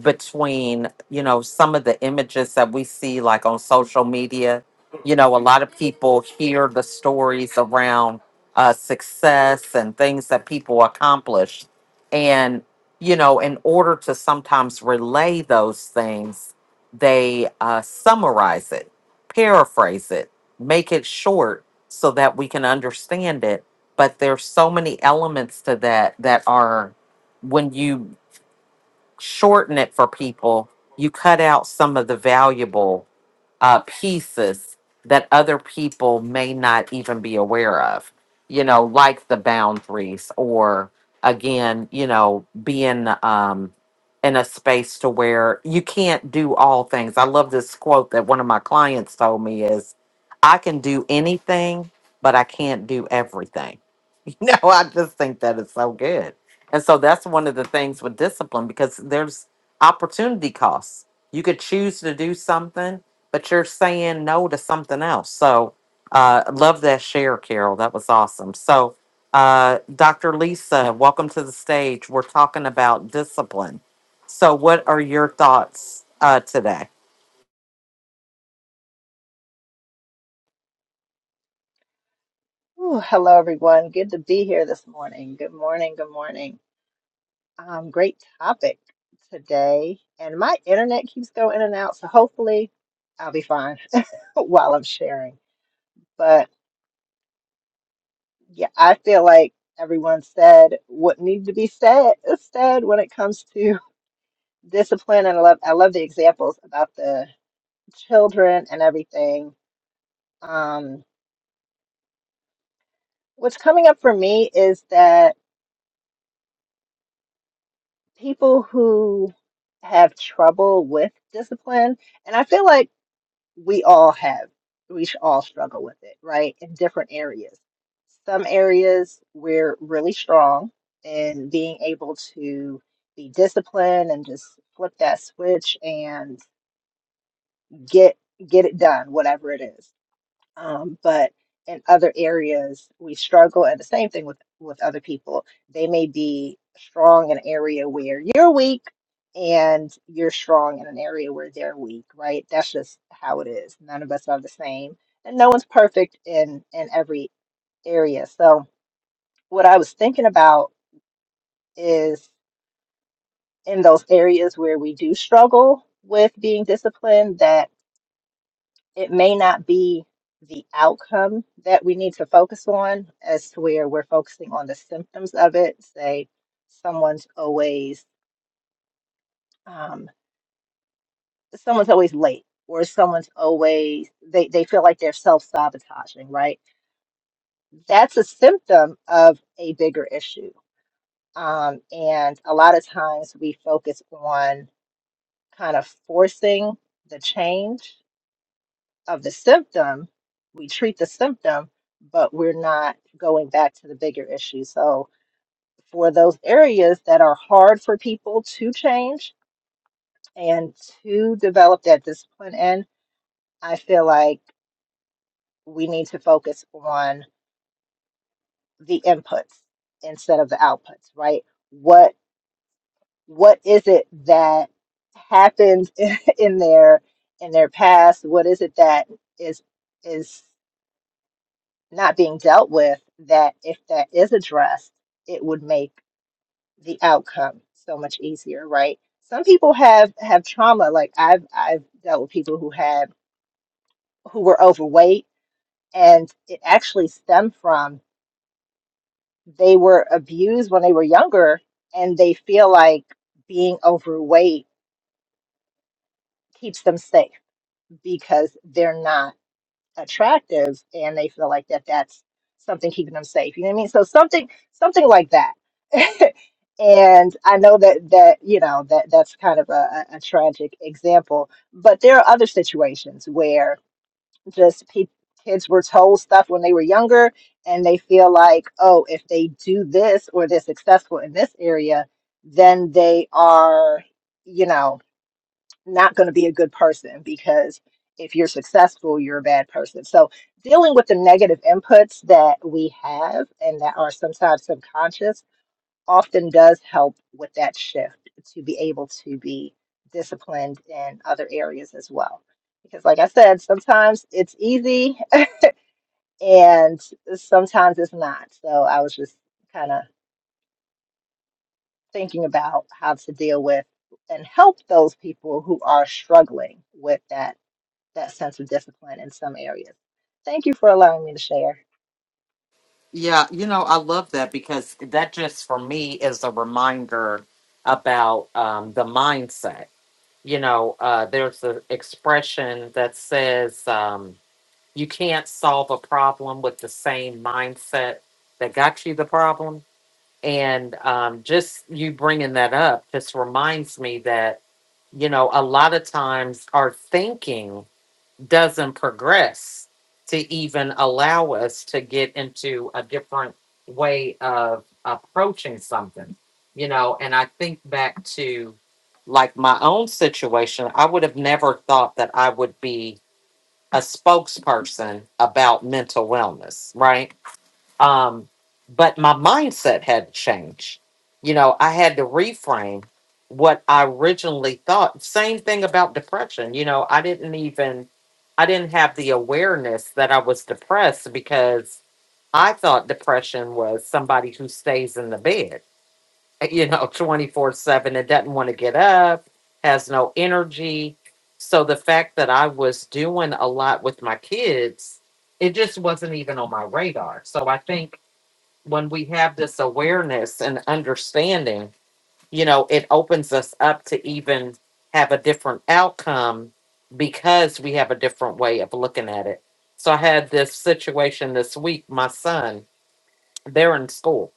A: between you know some of the images that we see like on social media you know a lot of people hear the stories around uh, success and things that people accomplish and you know in order to sometimes relay those things they uh, summarize it paraphrase it make it short so that we can understand it but there's so many elements to that that are when you shorten it for people, you cut out some of the valuable uh, pieces that other people may not even be aware of, you know, like the boundaries or again, you know, being um, in a space to where you can't do all things. I love this quote that one of my clients told me is, I can do anything, but I can't do everything. You know, I just think that is so good. And so that's one of the things with discipline because there's opportunity costs. You could choose to do something but you're saying no to something else. So, uh, love that share, Carol. That was awesome. So, uh, Dr. Lisa, welcome to the stage. We're talking about discipline. So, what are your thoughts uh, today?
G: Ooh, hello, everyone. Good to be here this morning. Good morning. Good morning. Um, great topic today. And my internet keeps going in and out, so hopefully I'll be fine while I'm sharing. But yeah, I feel like everyone said what needed to be said is said when it comes to discipline. And I love, I love the examples about the children and everything. Um, what's coming up for me is that. people who have trouble with discipline, and I feel like we all have, we sh- all struggle with it, right? In different areas. Some areas we're really strong in being able to be disciplined and just flip that switch and get get it done, whatever it is um, but in other areas we struggle and the same thing with with other people they may be strong in an area where you're weak and you're strong in an area where they're weak right that's just how it is none of us are the same and no one's perfect in in every area so what i was thinking about is in those areas where we do struggle with being disciplined that it may not be the outcome that we need to focus on as to where we're focusing on the symptoms of it say someone's always um, someone's always late or someone's always they, they feel like they're self-sabotaging right that's a symptom of a bigger issue um, and a lot of times we focus on kind of forcing the change of the symptom, we treat the symptom, but we're not going back to the bigger issue. So, for those areas that are hard for people to change and to develop that discipline in, I feel like we need to focus on the inputs instead of the outputs, right? What what is it that happened in their in their past? What is it that is is not being dealt with that if that is addressed it would make the outcome so much easier right some people have have trauma like i've i've dealt with people who had who were overweight and it actually stemmed from they were abused when they were younger and they feel like being overweight keeps them safe because they're not attractive and they feel like that that's something keeping them safe you know what i mean so something something like that and i know that that you know that that's kind of a, a a tragic example but there are other situations where just pe- kids were told stuff when they were younger and they feel like oh if they do this or they're successful in this area then they are you know not going to be a good person because if you're successful, you're a bad person. So, dealing with the negative inputs that we have and that are sometimes subconscious often does help with that shift to be able to be disciplined in other areas as well. Because, like I said, sometimes it's easy and sometimes it's not. So, I was just kind of thinking about how to deal with and help those people who are struggling with that that sense of discipline in some areas. Thank you for allowing me to share.
A: Yeah, you know, I love that because that just for me is a reminder about um, the mindset. You know, uh, there's an expression that says, um, You can't solve a problem with the same mindset that got you the problem. And um, just you bringing that up just reminds me that, you know, a lot of times our thinking doesn't progress to even allow us to get into a different way of approaching something, you know. And I think back to like my own situation, I would have never thought that I would be a spokesperson about mental wellness, right? Um, but my mindset had changed. You know, I had to reframe what I originally thought. Same thing about depression. You know, I didn't even, I didn't have the awareness that I was depressed because I thought depression was somebody who stays in the bed you know, 24 7 and doesn't want to get up, has no energy. So the fact that I was doing a lot with my kids, it just wasn't even on my radar. So I think when we have this awareness and understanding, you know, it opens us up to even have a different outcome because we have a different way of looking at it. So I had this situation this week, my son. They're in school.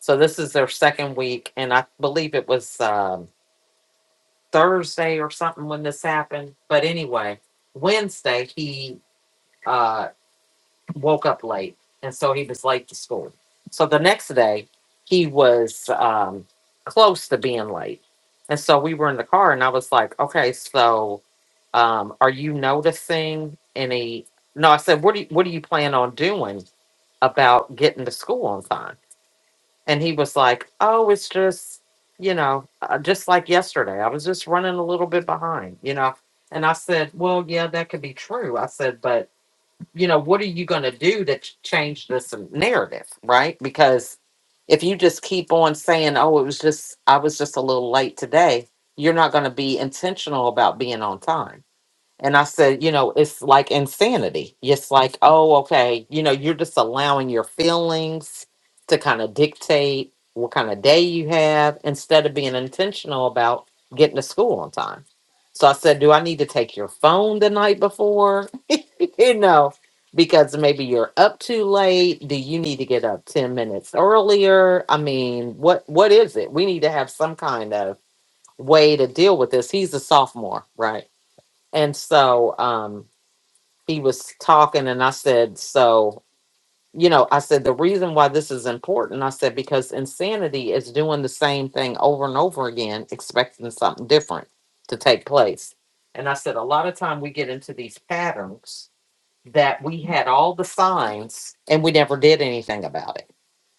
A: So this is their second week. And I believe it was um, Thursday or something when this happened. But anyway, Wednesday, he uh, woke up late. And so he was late to school. So the next day, he was um, close to being late. And so we were in the car, and I was like, okay, so um, are you noticing any? No, I said, what do you, what do you plan on doing about getting to school on time? And he was like, "Oh, it's just, you know, uh, just like yesterday. I was just running a little bit behind, you know." And I said, "Well, yeah, that could be true." I said, "But, you know, what are you going to do to ch- change this narrative, right? Because if you just keep on saying, "Oh, it was just I was just a little late today," you're not going to be intentional about being on time and I said, you know, it's like insanity. It's like, oh, okay, you know, you're just allowing your feelings to kind of dictate what kind of day you have instead of being intentional about getting to school on time. So I said, do I need to take your phone the night before? you know, because maybe you're up too late. Do you need to get up 10 minutes earlier? I mean, what what is it? We need to have some kind of way to deal with this. He's a sophomore, right? And so um, he was talking, and I said, So, you know, I said, the reason why this is important, I said, because insanity is doing the same thing over and over again, expecting something different to take place. And I said, a lot of time we get into these patterns that we had all the signs and we never did anything about it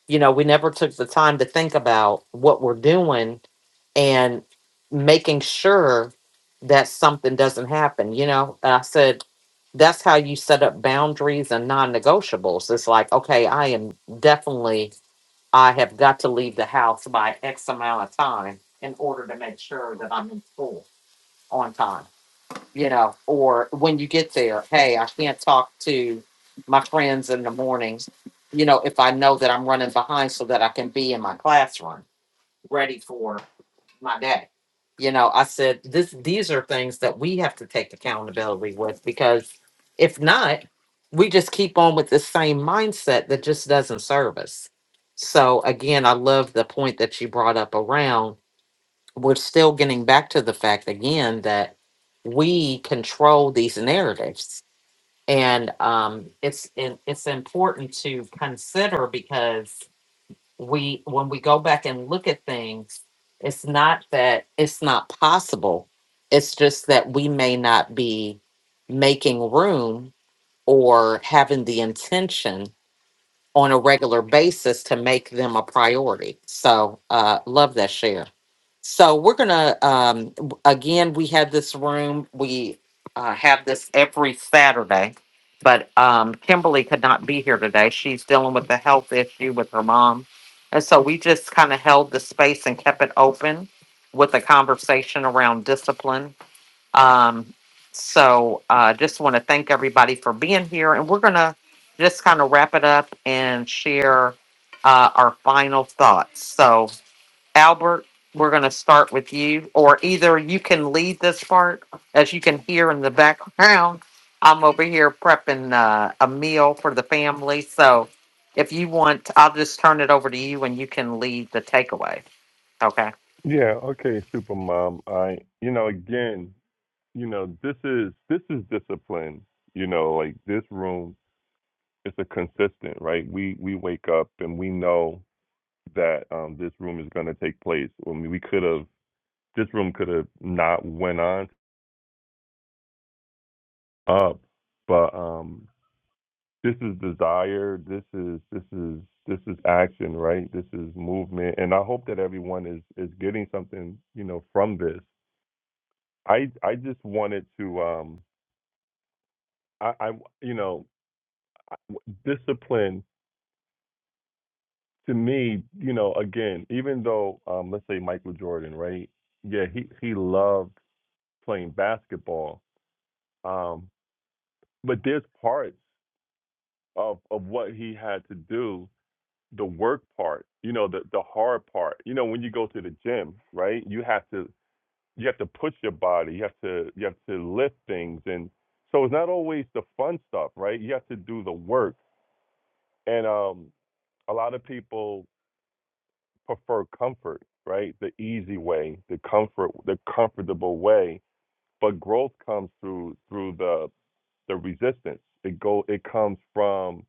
A: you know, we never took the time to think about what we're doing and making sure that something doesn't happen, you know. And I said, that's how you set up boundaries and non negotiables. It's like, okay, I am definitely, I have got to leave the house by X amount of time in order to make sure that I'm in school on time you know, or when you get there, hey, I can't talk to my friends in the mornings, you know, if I know that I'm running behind so that I can be in my classroom ready for my day. You know, I said this these are things that we have to take accountability with because if not, we just keep on with the same mindset that just doesn't serve us. So again, I love the point that you brought up around we're still getting back to the fact again that we control these narratives and um, it's it, it's important to consider because we when we go back and look at things it's not that it's not possible it's just that we may not be making room or having the intention on a regular basis to make them a priority. So, uh, love that share. So, we're going to, um, w- again, we have this room. We uh, have this every Saturday, but um, Kimberly could not be here today. She's dealing with a health issue with her mom. And so, we just kind of held the space and kept it open with a conversation around discipline um, so uh, just want to thank everybody for being here, and we're gonna just kind of wrap it up and share uh, our final thoughts. So, Albert, we're gonna start with you, or either you can lead this part, as you can hear in the background. I'm over here prepping uh, a meal for the family, so if you want, I'll just turn it over to you, and you can lead the takeaway. Okay.
B: Yeah, okay, Supermom. I you know, again, you know, this is this is discipline. You know, like this room it's a consistent, right? We we wake up and we know that um this room is gonna take place. I mean we could have this room could have not went on up, but um, this is desire. This is this is this is action, right? This is movement, and I hope that everyone is is getting something, you know, from this. I I just wanted to um, I, I you know, discipline to me, you know, again, even though um, let's say Michael Jordan, right? Yeah, he he loved playing basketball, um, but there's parts of of what he had to do the work part, you know, the the hard part. You know, when you go to the gym, right? You have to you have to push your body. You have to you have to lift things, and so it's not always the fun stuff, right? You have to do the work, and um, a lot of people prefer comfort, right? The easy way, the comfort, the comfortable way. But growth comes through through the the resistance. It go it comes from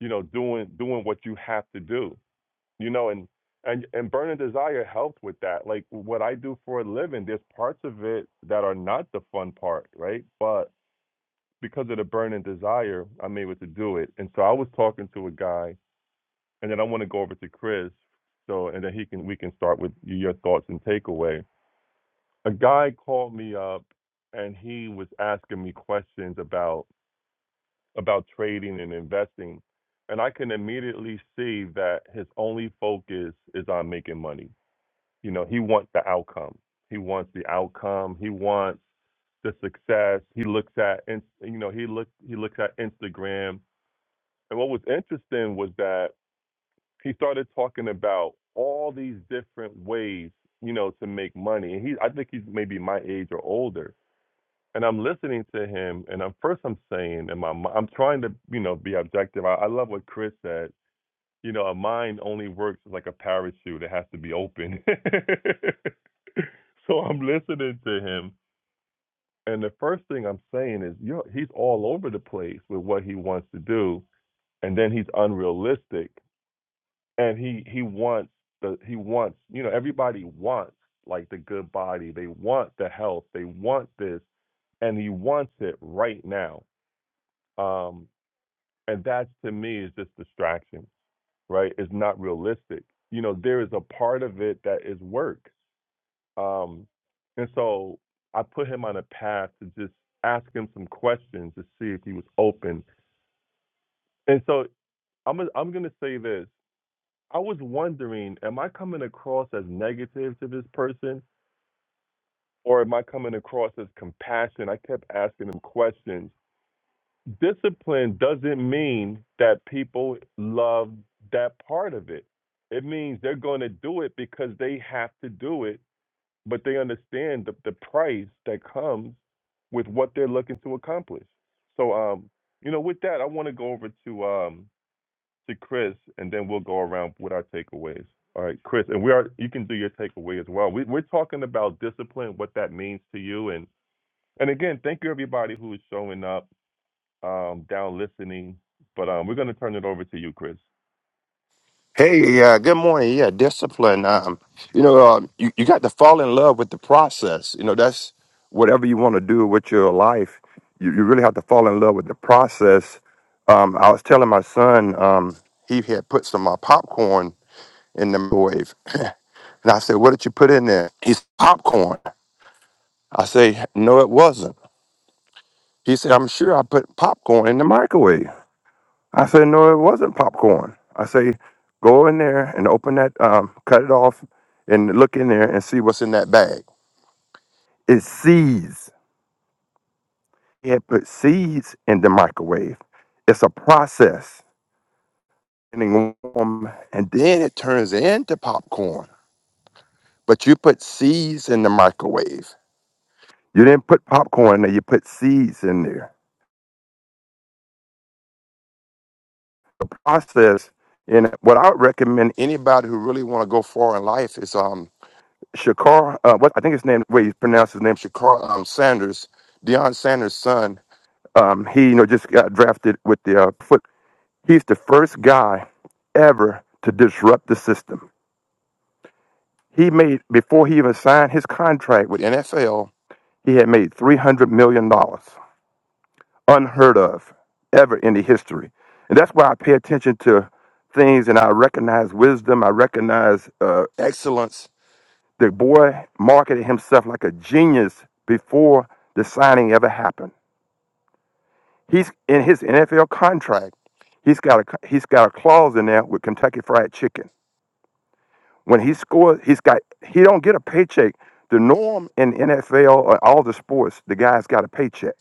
B: you know doing doing what you have to do you know and and and burn and desire helped with that like what i do for a living there's parts of it that are not the fun part right but because of the burn and desire i'm able to do it and so i was talking to a guy and then i want to go over to chris so and then he can we can start with your thoughts and takeaway a guy called me up and he was asking me questions about about trading and investing and i can immediately see that his only focus is on making money You know, he wants the outcome. He wants the outcome. He wants the success. He looks at, and you know, he looks he looks at Instagram. And what was interesting was that he started talking about all these different ways, you know, to make money. And he, I think he's maybe my age or older. And I'm listening to him, and I'm first I'm saying, and my mi- I'm trying to, you know, be objective. I, I love what Chris said you know, a mind only works like a parachute. It has to be open. so I'm listening to him. And the first thing I'm saying is, you know, he's all over the place with what he wants to do. And then he's unrealistic. And he, he wants the he wants, you know, everybody wants like the good body. They want the health. They want this. And he wants it right now. Um, and that to me is just distraction right, is not realistic. You know, there is a part of it that is work. Um, and so I put him on a path to just ask him some questions to see if he was open. And so I'm I'm going to say this. I was wondering, am I coming across as negative to this person or am I coming across as compassion? I kept asking him questions discipline doesn't mean that people love that part of it. It means they're going to do it because they have to do it, but they understand the, the price that comes with what they're looking to accomplish. So, um, you know, with that, I want to go over to um, to Chris, and then we'll go around with our takeaways. All right, Chris, and we are you can do your takeaway as well. We, we're talking about discipline, what that means to you, and and again, thank you everybody who is showing up um, down listening. But um, we're going to turn it over to you, Chris.
H: Hey, uh, good morning. Yeah, discipline. Um, you know, um, you, you got to fall in love with the process. You know, that's whatever you want to do with your life. You, you really have to fall in love with the process. Um, I was telling my son um, he had put some uh, popcorn in the microwave, and I said, "What did you put in there?" He said, "Popcorn." I say, "No, it wasn't." He said, "I'm sure I put popcorn in the microwave." I said, no, it wasn't popcorn. I say, go in there and open that, um, cut it off and look in there and see what's in that bag. It's seeds. He had put seeds in the microwave. It's a process. Getting warm, And then it turns into popcorn. But you put seeds in the microwave. You didn't put popcorn there, you put seeds in there. The process, and what I would recommend anybody who really want to go far in life is um. Shakar, uh, what I think his name, way he pronounced his name, Shakar um, Sanders, Deion Sanders' son. Um, he, you know, just got drafted with the uh, foot. He's the first guy ever to disrupt the system. He made before he even signed his contract with NFL, he had made three hundred million dollars, unheard of, ever in the history. And that's why I pay attention to things, and I recognize wisdom, I recognize uh, excellence, The boy marketed himself like a genius before the signing ever happened. He's in his NFL contract. He's got a he's got a clause in there with Kentucky Fried Chicken. When he scores, he's got he don't get a paycheck. The norm in NFL or all the sports, the guy's got a paycheck.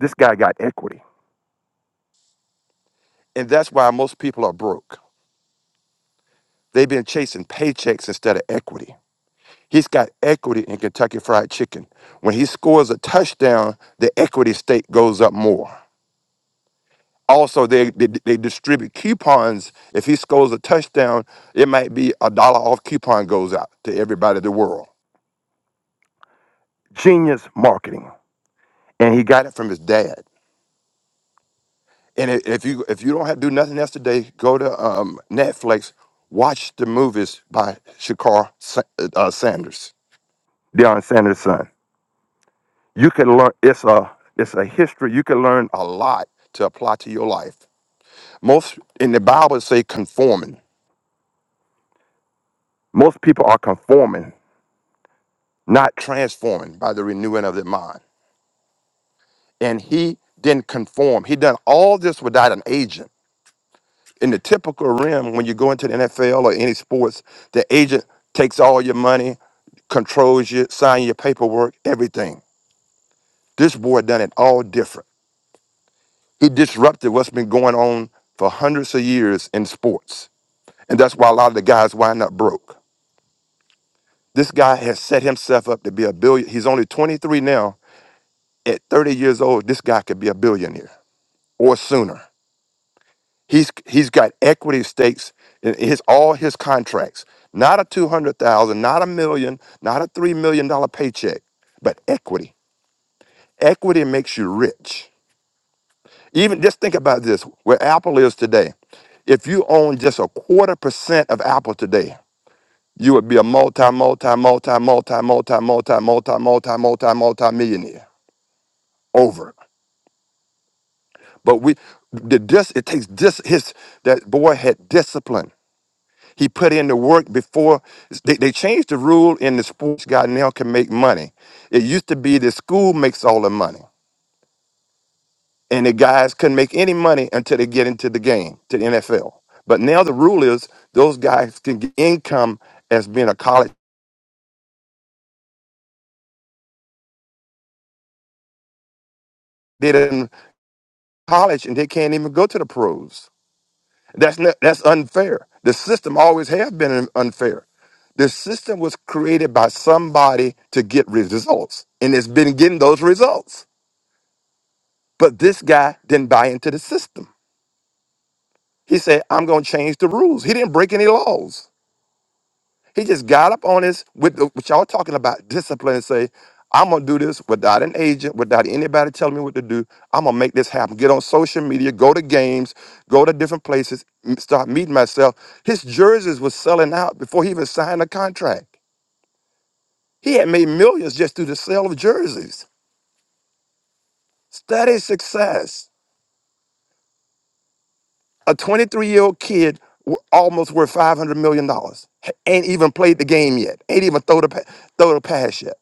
H: This guy got equity, and that's why most people are broke. They've been chasing paychecks instead of equity. He's got equity in Kentucky Fried Chicken. When he scores a touchdown, the equity stake goes up more. Also, they, they they distribute coupons. If he scores a touchdown, it might be a dollar off coupon goes out to everybody in the world. Genius marketing, and he got it from his dad. And i- if you if you don't have do nothing else today, go to um, Netflix, watch the movies by Shakar Sa- uh, Sanders, Deion Sanders' son. You can learn. It's a it's a history. You can learn a lot to apply to your life. Most in the Bible say conforming. Most people are conforming not transformed by the renewing of their mind. And he didn't conform. He done all this without an agent. In the typical realm, when you go into the NFL or any sports, the agent takes all your money, controls you, sign your paperwork, everything. This boy done it all different. He disrupted what's been going on for hundreds of years in sports. And that's why a lot of the guys wind up broke. This guy has set himself up to be a billion. He's only 23 now. At 30 years old, this guy could be a billionaire or sooner He's he's got equity stakes in his all his contracts. Not a two hundred thousand, not a million, not a three million dollar paycheck, but equity. Equity makes you rich. Even just think about this: where Apple is today. If you own just a quarter percent of Apple today, you would be a multi, multi, multi, multi, multi, multi, multi, multi, multi, multi millionaire over. But we, the dis, it takes dis His that boy had discipline. He put in the work before they, they changed the rule in the sports guy now can make money. It used to be the school makes all the money and the guys couldn't make any money until they get into the game, to the NFL. But now the rule is those guys can get income as being a college. They didn't college and they can't even go to the pros. That's not, that's unfair. The system always have been unfair. The system was created by somebody to get results, and it's been getting those results. But this guy didn't buy into the system. He said, I'm going to change the rules. He didn't break any laws. He just got up on this with the, what y'all talking about discipline and say, I'm going to do this without an agent, without anybody telling me what to do. I'm going to make this happen. Get on social media, go to games, go to different places, m- start meeting myself. His jerseys was selling out before he even signed a contract. He had made millions just through the sale of jerseys. Study success. a 23 year old kid w- almost worth 500 million dollars ain't even played the game yet ain't even throw the pa- throw the pass yet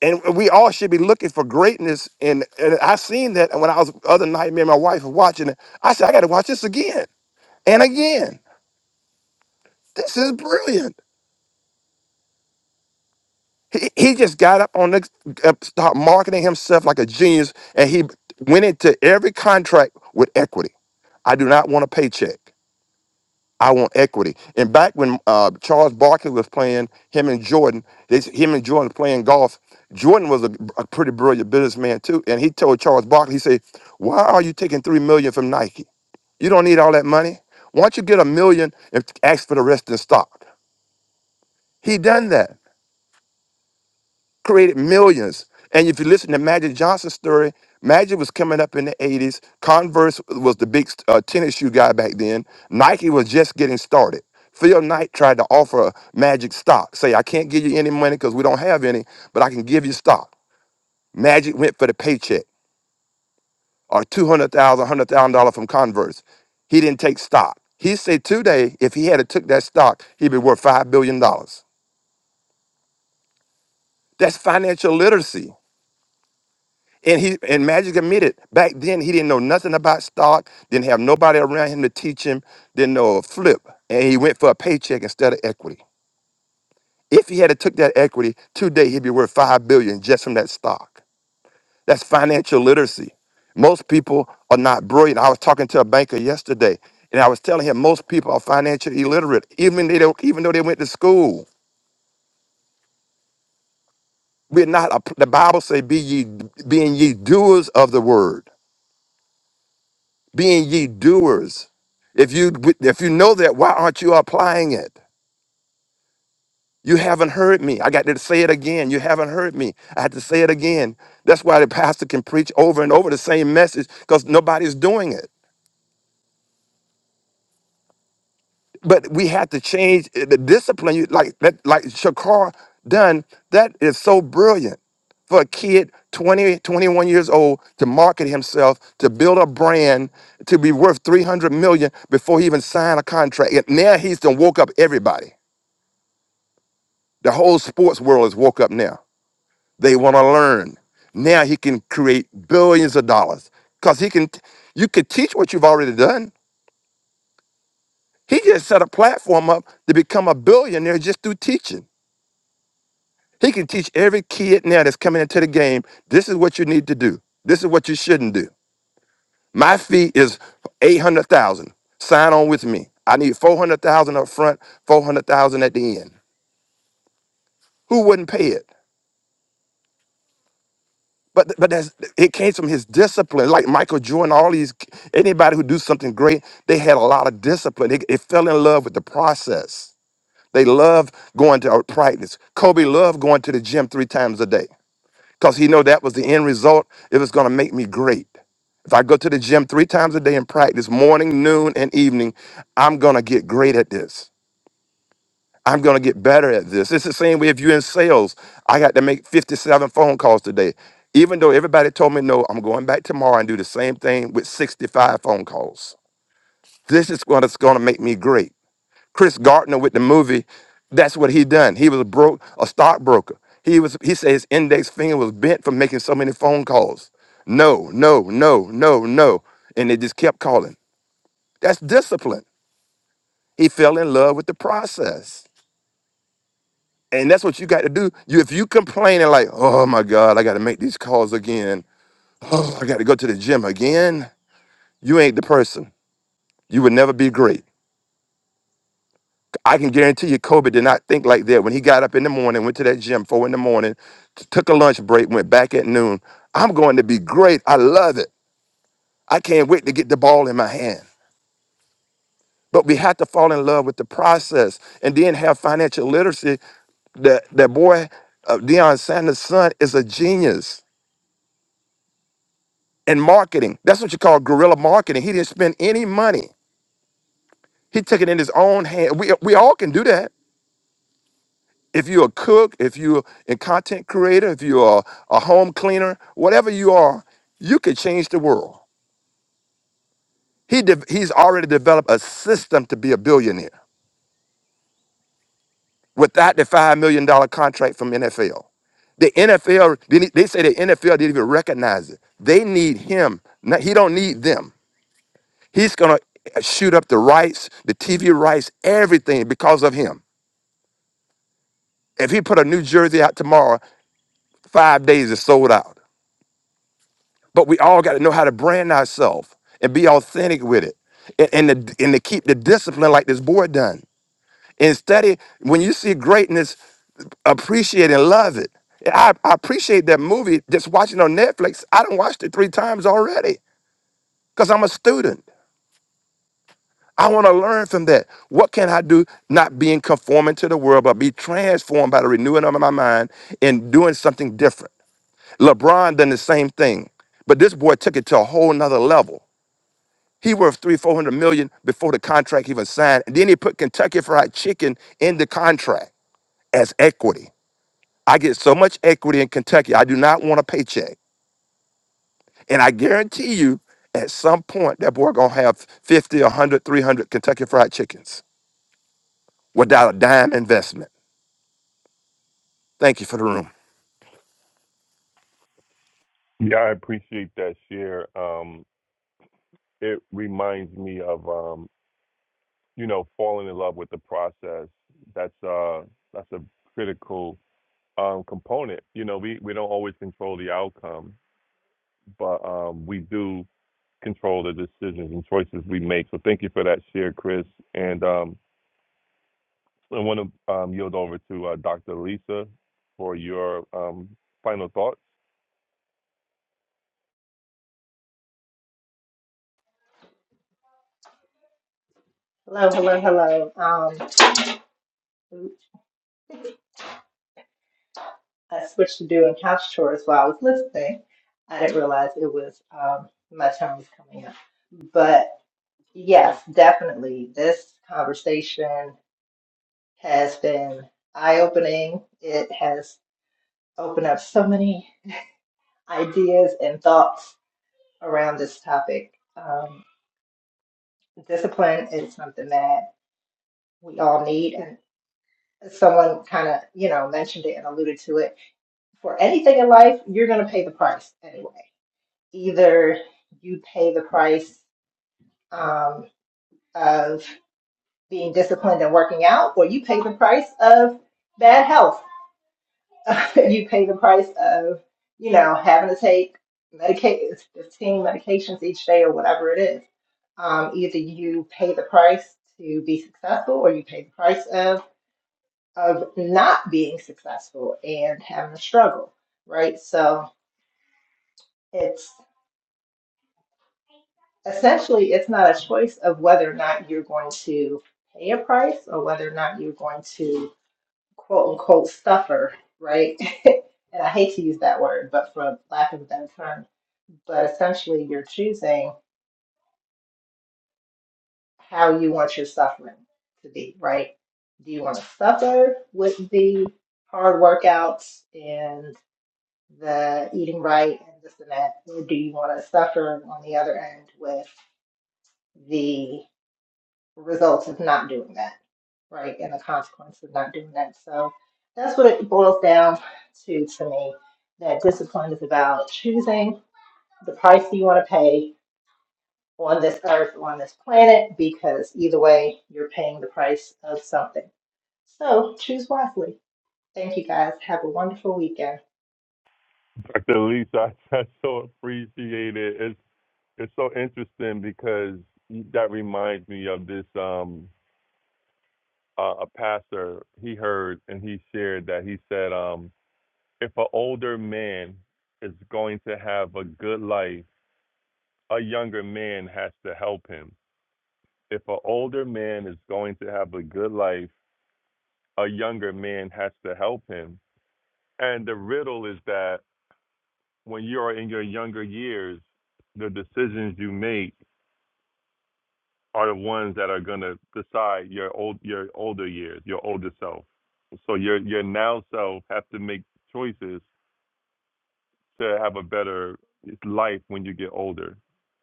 H: and we all should be looking for greatness and, and i seen that when i was other night me and my wife were watching it i said i gotta watch this again and again this is brilliant he, he just got up on the uh, start marketing himself like a genius and he went into every contract with equity i do not want a paycheck I want equity. And back when uh, Charles Barkley was playing, him and Jordan, they, him and Jordan playing golf. Jordan was a, a pretty brilliant businessman too, and he told Charles Barkley, he said, "Why are you taking three million from Nike? You don't need all that money. Why don't you get a million and ask for the rest in stock?" He done that. created millions. And if you listen to Magic Johnson's story, Magic was coming up in the 80s. Converse was the big uh, tennis shoe guy back then. Nike was just getting started. Phil Knight tried to offer Magic stock. Say, I can't give you any money because we don't have any, but I can give you stock. Magic went for the paycheck or $200,000, $100,000 from Converse. He didn't take stock. He said today, if he had took that stock, he'd be worth $5 billion. dollars. That's financial literacy. And he and Magic admitted back then he didn't know nothing about stock, didn't have nobody around him to teach him, didn't know a flip, and he went for a paycheck instead of equity. If he had to took that equity today, he'd be worth five billion just from that stock. That's financial literacy. Most people are not brilliant. I was talking to a banker yesterday, and I was telling him most people are financially illiterate, even they don't, even though they went to school. We're not. A, the Bible say, "Be ye, being ye doers of the word." being ye doers. If you if you know that, why aren't you applying it? You haven't heard me. I got to say it again. You haven't heard me. I had to say it again. That's why the pastor can preach over and over the same message because nobody's doing it. But we had to change eh, the discipline. You like that, like Shakar Dunn. That is so brilliant for a kid 20, 21 years old to market himself, to build a brand, to be worth 300 million before he even signed a contract. And now he's done woke up everybody. The whole sports world is woke up now. They want to learn. Now he can create billions of dollars because he can. You could teach what you've already done. He just set a platform up to become a billionaire just through teaching. He can teach every kid now that's coming into the game this is what you need to do, this is what you shouldn't do. My fee is 800,000. Sign on with me. I need 400,000 up front, 400,000 at the end. Who wouldn't pay it? But but that's it came from his discipline. Like Michael Jordan, all these anybody who do something great, they had a lot of discipline. They, they fell in love with the process. They loved going to practice. Kobe loved going to the gym three times a day. because he know that was the end result. It was going to make me great. If I go to the gym three times a day and practice morning, noon, and evening, I'm going to get great at this. I'm going to get better at this. It's the same way if you're in sales. I got to make 57 phone calls today. Even though everybody told me no, I'm going back tomorrow and do the same thing with 65 phone calls. This is what's going to make me great. Chris Gardner with the movie, that's what he done. He was broke, a stockbroker. He was he said his index finger was bent from making so many phone calls. No, no, no, no, no. And they just kept calling. That's discipline. He fell in love with the process. And that's what you got to do. You if you complain and like, oh my God, I gotta make these calls again. Oh, I gotta go to the gym again. You ain't the person. You would never be great. I can guarantee you, Kobe did not think like that when he got up in the morning, went to that gym four in the morning, t- took a lunch break, went back at noon. I'm going to be great. I love it. I can't wait to get the ball in my hand. But we have to fall in love with the process and then have financial literacy. That that boy, uh, Deion Sanders' son, is a genius in marketing. That's what you call guerrilla marketing. He didn't spend any money. He took it in his own hand. We we all can do that. if you're a cook, if you're a content creator, if you're a, a home cleaner, whatever you are, you could change the world. He de- he's already developed a system to be a billionaire without the $5 million dollar contract from NFL. The NFL, they, need- they say the NFL didn't even recognize it. They need him. Not, he don't need them. He's going to shoot up the rights, the TV rights, everything because of him. If he put a new jersey out tomorrow, five days is sold out. But we all got to know how to brand ourselves and be authentic with it, and and to, and to keep the discipline like this boy done. Instead, of- when you see greatness, appreciate and love it. I, I appreciate that movie. Just watching on Netflix, I done watched it three times already because I'm a student. I want to learn from that. What can I do? Not being conforming to the world, but be transformed by the renewing of my mind and doing something different. LeBron done the same thing, but this boy took it to a whole nother level. He worth three, four hundred million before the contract even signed. And then he put Kentucky Fried Chicken in the contract as equity. I get so much equity in Kentucky, I do not want a paycheck. And I guarantee you, at some point, that boy gonna have 50, 100, 300 Kentucky Fried Chickens without a dime investment. Thank you for the room.
B: Yeah, I appreciate that share. Um, it reminds me of um, you know falling in love with the process. That's uh, that's a critical um, component. You know, we we don't always control the outcome, but um, we do control the decisions and choices we make. So thank you for that share, Chris. And um, I want to um, yield over to uh, Dr. Lisa for your um, final thoughts.
G: Hello, hello, hello. Um, I switched to doing couch chores while I was listening. I didn't realize it was um, my turn was coming up. But yes, definitely, this conversation has been eye opening. It has opened up so many ideas and thoughts around this topic. Um, discipline is something that we all need, and someone kind of you know mentioned it and alluded to it for anything in life you're going to pay the price anyway either you pay the price um, of being disciplined and working out or you pay the price of bad health you pay the price of you know having to take medica- 15 medications each day or whatever it is um, either you pay the price to be successful or you pay the price of of not being successful and having a struggle, right? So it's essentially it's not a choice of whether or not you're going to pay a price or whether or not you're going to quote unquote suffer, right? and I hate to use that word, but for lack of a better term, but essentially you're choosing how you want your suffering to be, right? Do you want to suffer with the hard workouts and the eating right and this and that, or do you want to suffer on the other end with the results of not doing that, right? And the consequence of not doing that. So that's what it boils down to to me. That discipline is about choosing the price you want to pay on this earth, on this planet, because either way, you're paying the price of something. So choose wisely. Thank you guys. Have a wonderful weekend.
B: Dr. Lisa, I, I so appreciate it. It's it's so interesting because that reminds me of this um uh, a pastor he heard and he shared that he said um if an older man is going to have a good life, a younger man has to help him. If an older man is going to have a good life, a younger man has to help him. And the riddle is that when you are in your younger years, the decisions you make are the ones that are going to decide your old your older years, your older self. So your your now self have to make choices to have a better life when you get older.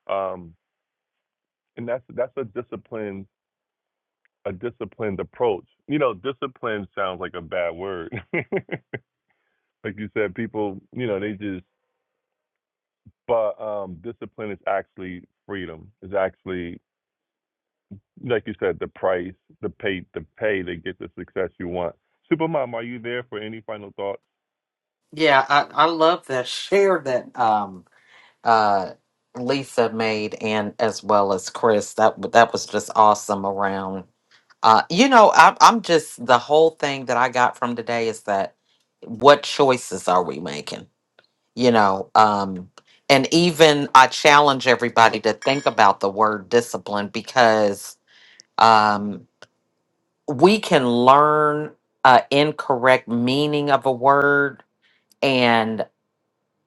B: Um, and that's that's a disciplined a disciplined approach. You know, discipline sounds like a bad word. like you said, people, you know, they just but um discipline is actually freedom. Is actually like you said, the price, the pay, the pay to get the success you want. Supermom, are you there for any final thoughts?
A: Yeah, I, I love that. Share that. Um, uh, Lisa made, and as well as Chris. That w- that was just awesome. Around, uh, you know, I, I'm just the whole thing that I got from today is that what choices are we making? You know, um, and even I challenge everybody to think about the word discipline because um, we can learn uh, incorrect meaning of a word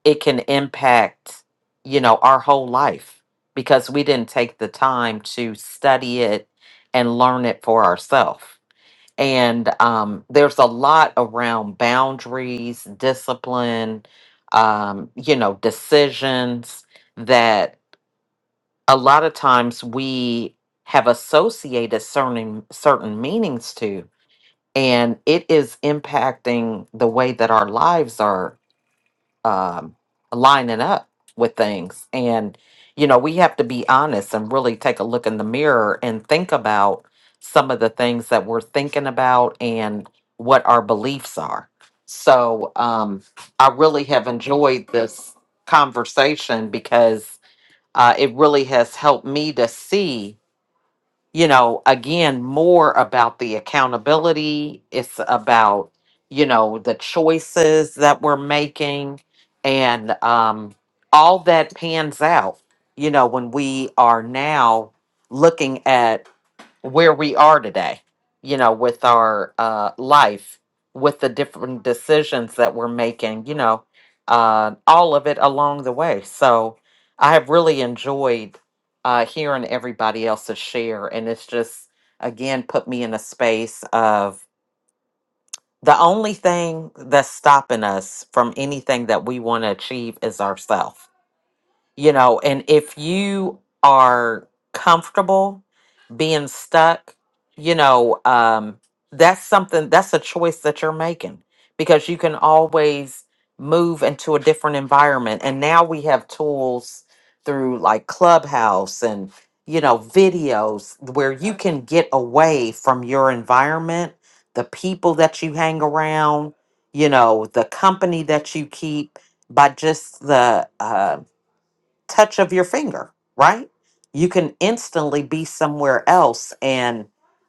A: it can impact you know our whole life because we didn't take the time to study it and learn it for ourselves and um, there's a lot around boundaries discipline um, you know decisions that a lot of times we have associated certain certain meanings to and it is impacting the way that our lives are um, lining up with things. And, you know, we have to be honest and really take a look in the mirror and think about some of the things that we're thinking about and what our beliefs are. So um, I really have enjoyed this conversation because uh, it really has helped me to see you know, again, more about the accountability. It's about, you know, the choices that we're making and um, all that pans out, you know, when we are now looking at where we are today, you know, with our uh, life, with the different decisions that we're making, you know, uh, all of it along the way. So I have really enjoyed uh, hearing everybody else's share. And it's just, again, put me in a space of the only thing that's stopping us from anything that we want to achieve is ourself you know and if you are comfortable being stuck you know um that's something that's a choice that you're making because you can always move into a different environment and now we have tools through like clubhouse and you know videos where you can get away from your environment the people that you hang around you know the company that you keep by just the um touch of your finger, right? You can instantly be somewhere else. And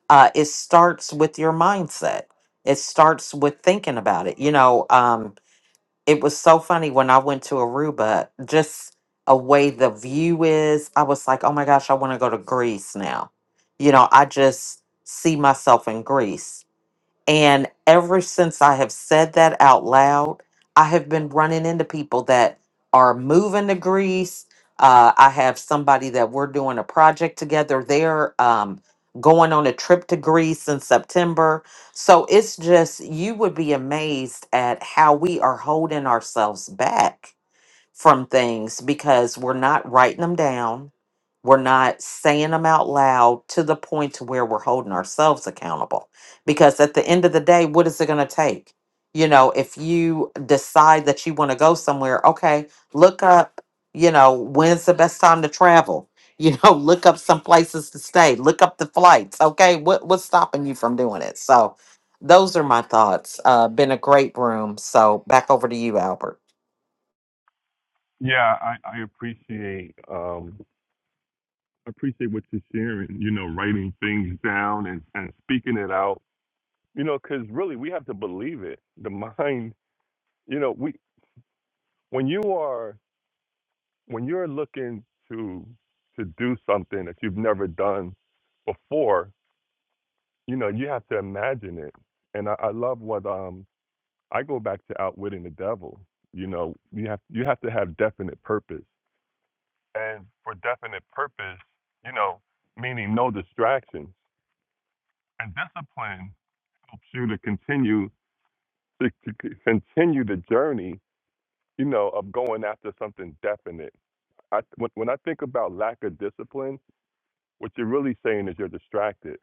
A: uh, it starts with your mindset, it starts with thinking about it. You know, um, it was so funny when I went to Aruba, just a way the view is. I was like, oh my gosh, I want to go to Greece now. You know, I just see myself in Greece and ever since I have said that out loud, I have been running into people that are moving to Greece. Uh, I have somebody that we're doing a project together. They're um, going on a trip to Greece in September. So it's just, you would be amazed at how we are holding ourselves back from things because we're not writing them down. We're not saying them out loud to the point to where we're holding ourselves accountable. Because at the end of the day, what is it going to take? You know, if you decide that you want to go somewhere, okay, look up, you know, when's the best time to travel? You know, look up some places to stay, look up the flights. Okay, what what's stopping you from doing it? So, those are my thoughts. Uh, been a great room. So back over to you, Albert.
B: Yeah, I, I appreciate um appreciate what you're sharing. You know, writing things down and and speaking it out. You know, because really we have to believe it. The mind, you know, we when you are when you're looking to to do something that you've never done before, you know, you have to imagine it. And I, I love what um I go back to outwitting the devil. You know, you have you have to have definite purpose, and for definite purpose, you know, meaning no distractions. And discipline helps you to continue to, to c- continue the journey. You know, of going after something definite. I, when, when I think about lack of discipline, what you're really saying is you're distracted.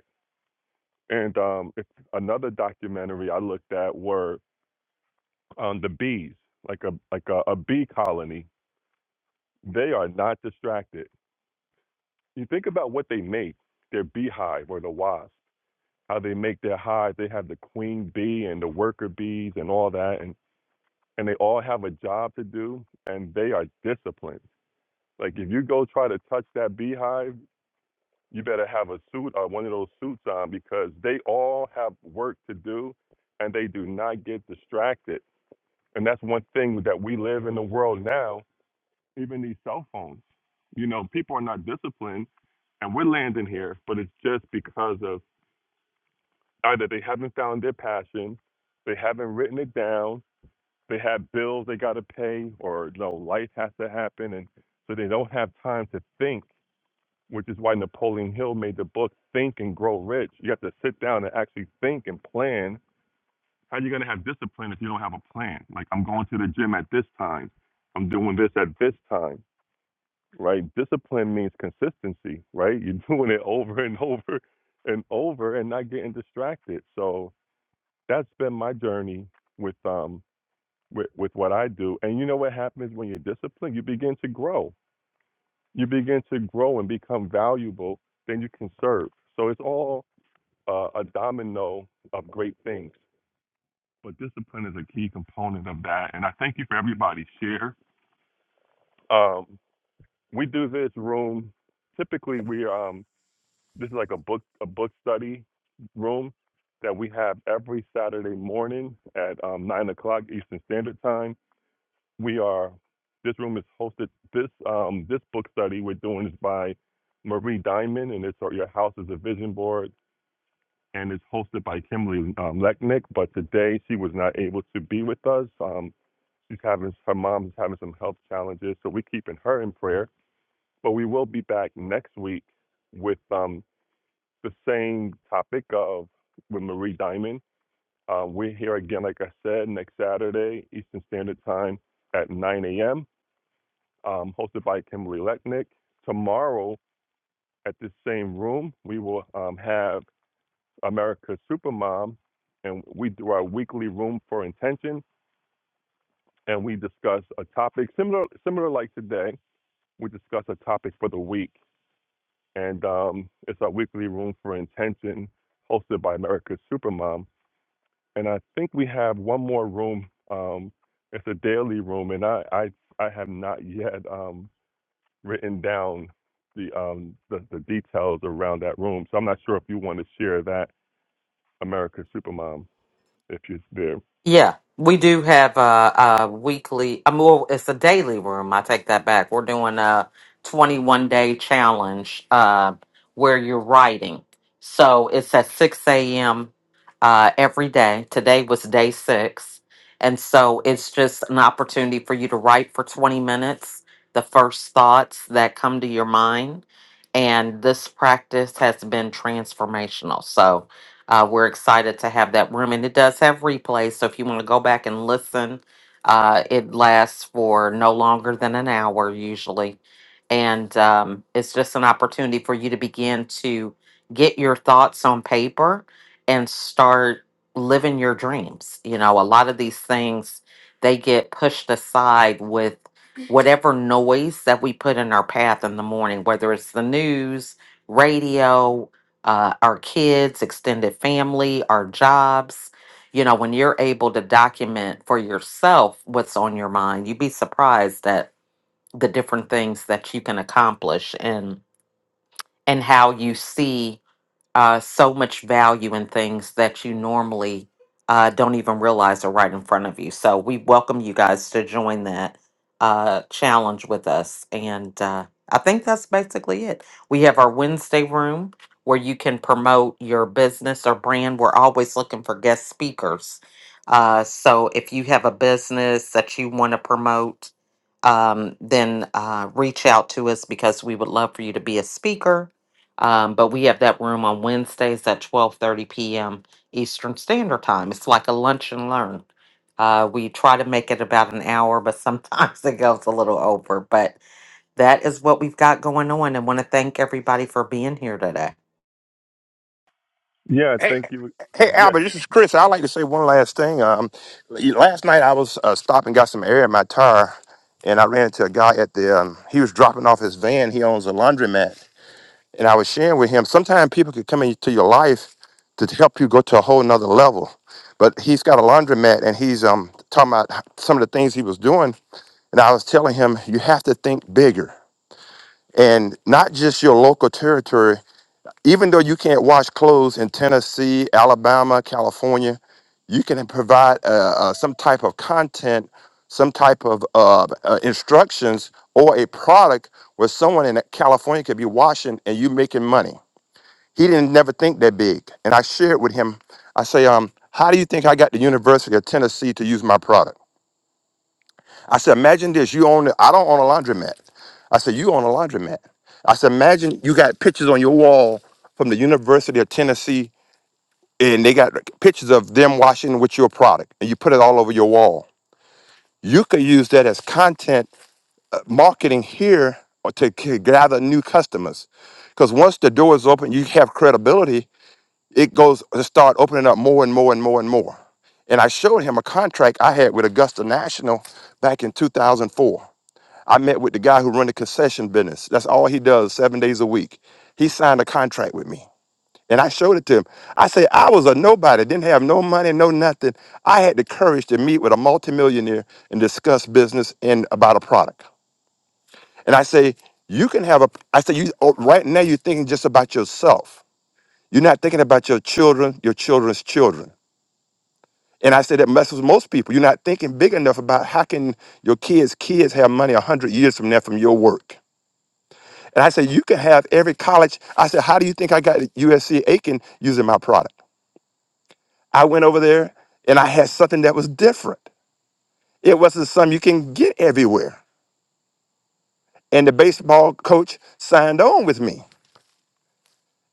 B: And um, if another documentary I looked at were um, the bees, like a like a, a bee colony They are not distracted. You think about what they make, their beehive or the wasp, how they make their hive. They have the queen bee and the worker bees and all that, and, and they all have a job to do, and they are disciplined. Like if you go try to touch that beehive, you better have a suit or one of those suits on because they all have work to do and they do not get distracted. And that's one thing that we live in the world now even these cell phones. You know, people are not disciplined, and we're landing here, but it's just because of either they haven't found their passion, they haven't written it down, they have bills they got to pay, or you know, life has to happen, and so they don't have time to think. Which is why Napoleon Hill made the book Think and Grow Rich. You have to sit down and actually think and plan. How are you gonna have discipline if you don't have a plan? Like I'm going to the gym at this time, I'm doing this at this time right? Discipline means consistency, right? You're doing it over and over and over and not getting distracted. So that's been my journey with um with, with what I do. And you know what happens when you're disciplined? You begin to grow. You begin to grow and become valuable, then you can serve. So it's all uh, a domino of great things. But discipline is a key component of that. And I thank you for everybody's share. Um, we do this room typically we um This is like a book a book study room that we have every Saturday morning at um, nine o'clock Eastern Standard Time. We are this room is hosted. This um, this book study we're doing is by Marie Diamond, and it's uh, your house is a vision board, and it's hosted by Kimberly um, Lechnick. But today she was not able to be with us. Um, she's having her mom is having some health challenges, so we're keeping her in prayer. But we will be back next week with um the same topic of with Marie Diamond. Um, we're here again, like I said, next Saturday, Eastern Standard Time at 9 a.m., um, hosted by Kimberly Lechnick. Tomorrow at this same room, we will um, have America's Supermom, and we do our weekly room for intention, and we discuss a topic similar, similar like today. We discuss a topic for the week, and um, it's our weekly room for intention, hosted by America's Supermom and I think we have one more room. Um, it's a daily room, and I I, I have not yet um, written down the, um, the the details around that room. So I'm not sure if you want to share that America Supermom if you're there.
A: Yeah, we do have a, a weekly. I mean, well, it's a daily room. I take that back. We're doing a 21 day challenge uh, where you're writing. So it's at 6 a.m. Uh, every day. Today was day six. And so it's just an opportunity for you to write for 20 minutes the first thoughts that come to your mind. And this practice has been transformational. So, uh, we're excited to have that room, and it does have replays. So if you want to go back and listen, uh, it lasts for no longer than an hour usually, and um, it's just an opportunity for you to begin to get your thoughts on paper and start living your dreams. You know, a lot of these things they get pushed aside with whatever noise that we put in our path in the morning, whether it's the news, radio, uh, our kids, extended family, our jobs. You know, when you're able to document for yourself what's on your mind, you'd be surprised at the different things that you can accomplish and and how you see uh, so much value in things that you normally uh, don't even realize are right in front of you. So we welcome you guys to join that uh, challenge with us. And uh, I think that's basically it. We have our Wednesday room where you can promote your business or brand. We're always looking for guest speakers. Uh, so if you have a business that you want to promote, um, then uh, reach out to us because we would love for you to be a speaker. Um, but we have that room on Wednesdays at 12:30 p.m. Eastern Standard Time. It's like a lunch and learn. Uh, we try to make it about an hour, but sometimes it goes a little over. But that is what we've got going on, and want to thank everybody for being here today.
B: Yeah,
H: Hey,
B: thank you.
H: hey,
B: Yes,
H: Albert, this is Chris. I'd like to say one last thing. Um, last night I was uh, stopping, got some air in my tire, and I ran into a guy at the. Um, he was dropping off his van. He owns a laundromat, And I was sharing with him, sometimes people could come into your life to help you go to a whole nother level. But he's got a laundromat and he's um talking about some of the things he was doing. And I was telling him, you have to think bigger and not just your local territory. Even though you can't wash clothes in Tennessee, Alabama, California, you can provide uh, uh, some type of content, some type of uh, uh, instructions, or a product where someone in California could be washing and you making money he didn't never think that big. And I shared with him, I say, um, how do you think I got the University of Tennessee to use my product? I said, imagine this. You own, I don't own a laundromat. I said, you own a laundromat. I said, imagine you got pictures on your wall from the University of Tennessee and they got pictures of them washing with your product and you put it all over your wall. You could use that as content uh, marketing here or to c- gather new customers. Because once the door is open, you have credibility it goes to start opening up more and more and more and more. And I showed him a contract I had with Augusta National back in 2004. I met with the guy who run the concession business. That's all he does, seven days a week. He signed a contract with me. And I showed it to him. I said, I was a nobody, didn't have no money, no nothing. I had the courage to meet with a multimillionaire and discuss business and about a product. And I say, you can have a, I say, you, oh, right now you're thinking just about yourself. You're not thinking about your children, your children's children. And I say that messes most people. You're not thinking big enough about how can your kids' kids have money a hundred years from now from your work. And I say you can have every college. I said, how do you think I got at USC Aiken using my product? I went over there and I had something that was different. It wasn't something you can get everywhere. And the baseball coach signed on with me.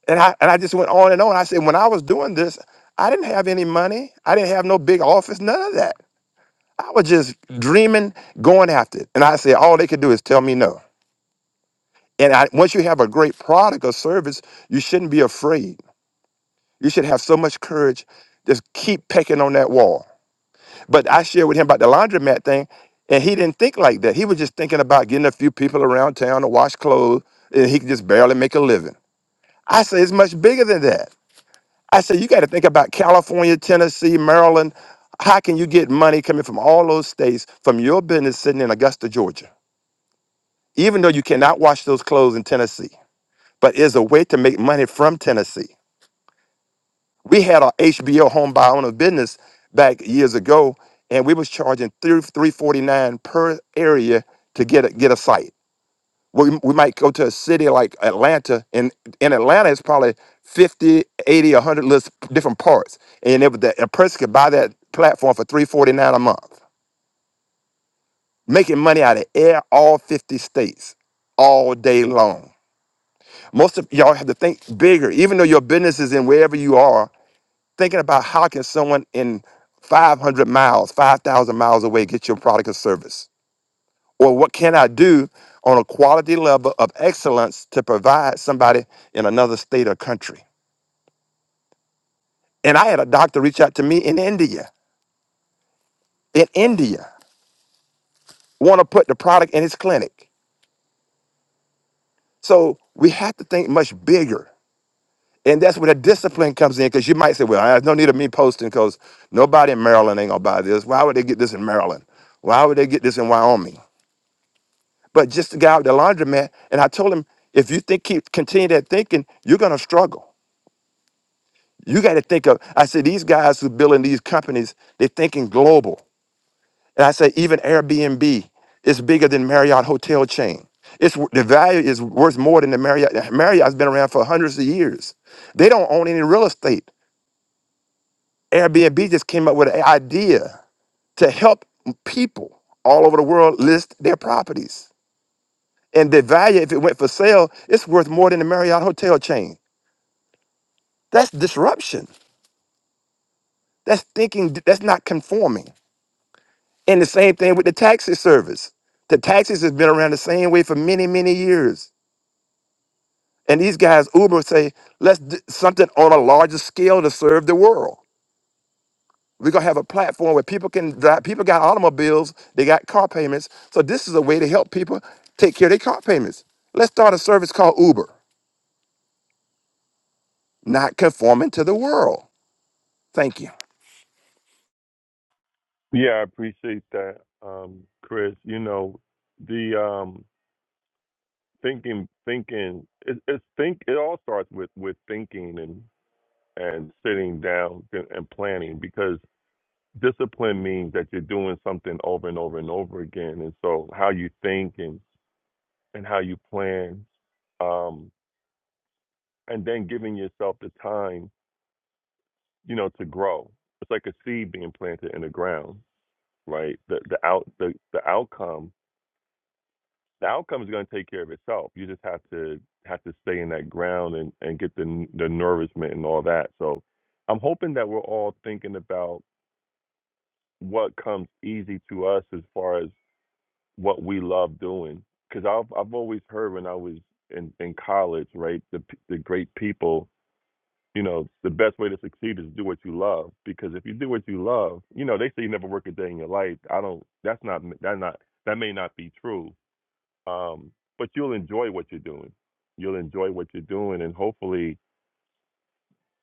H: And I and I just went on and on. I said, when I was doing this, I didn't have any money. I didn't have no big office, none of that. I was just dreaming, going after it. And I said, all they could do is tell me no. And I, once you have a great product or service, you shouldn't be afraid. You should have so much courage. Just keep pecking on that wall. But I shared with him about the laundromat thing, and he didn't think like that. He was just thinking about getting a few people around town to wash clothes, and he could just barely make a living. I said, it's much bigger than that. I said, you got to think about California, Tennessee, Maryland. How can you get money coming from all those states from your business sitting in Augusta, Georgia? even though you cannot wash those clothes in Tennessee, but is a way to make money from Tennessee. We had our HBO home buy owner business back years ago, and we was charging three three forty nine per area to get a, get a site. We, we might go to a city like Atlanta, and in Atlanta, it's probably 50, 80, 100 list different parts. And if the, a person could buy that platform for three forty nine a month, making money out of air all 50 states all day long Most of y'all have to think bigger, even though your business is in wherever you are, thinking about how can someone in 500 miles, 5,000 miles away get your product or service? Or what can I do on a quality level of excellence to provide somebody in another state or country? And I had a doctor reach out to me in India, in India, want to put the product in his clinic. So we have to think much bigger And that's where the discipline comes in because you might say, well, there's no need of me posting because nobody in Maryland ain't going to buy this. Why would they get this in Maryland? Why would they get this in Wyoming? But just the guy with the laundromat, and I told him, if you think keep continue that thinking, you're going to struggle. You got to think of, I said, these guys who building these companies, they're thinking global. And I say, even Airbnb is bigger than Marriott hotel chain. It's the value is worth more than the Marriott. Marriott's been around for hundreds of years. They don't own any real estate. Airbnb just came up with an idea to help people all over the world list their properties. And the value, if it went for sale, it's worth more than the Marriott hotel chain. That's disruption. That's thinking, that's not conforming. And the same thing with the taxi service. The taxis has been around the same way for many, many years. And these guys, Uber, say, let's do something on a larger scale to serve the world. We're gonna have a platform where people can drive. People got automobiles, they got car payments. So this is a way to help people take care of their car payments. Let's start a service called Uber, not conforming to the world. Thank you.
B: yeah, I appreciate that, um, Chris. You know, the um, thinking, thinking, it, it's think. It all starts with with thinking and and sitting down and and planning because discipline means that you're doing something over and over and over again and so how you think and and how you plan um and then giving yourself the time you know to grow it's like a seed being planted in the ground right the the out the, the outcome the outcome is going to take care of itself you just have to have to stay in that ground and and get the the nourishment and all that so i'm hoping that we're all thinking about what comes easy to us as far as what we love doing. Because I've I've always heard when I was in in college, right, the p- the great people, you know, the best way to succeed is do what you love. Because if you do what you love, you know, they say you never work a day in your life. I don't. That's not that not that may not be true. Um, but you'll enjoy what you're doing. You'll enjoy what you're doing, and hopefully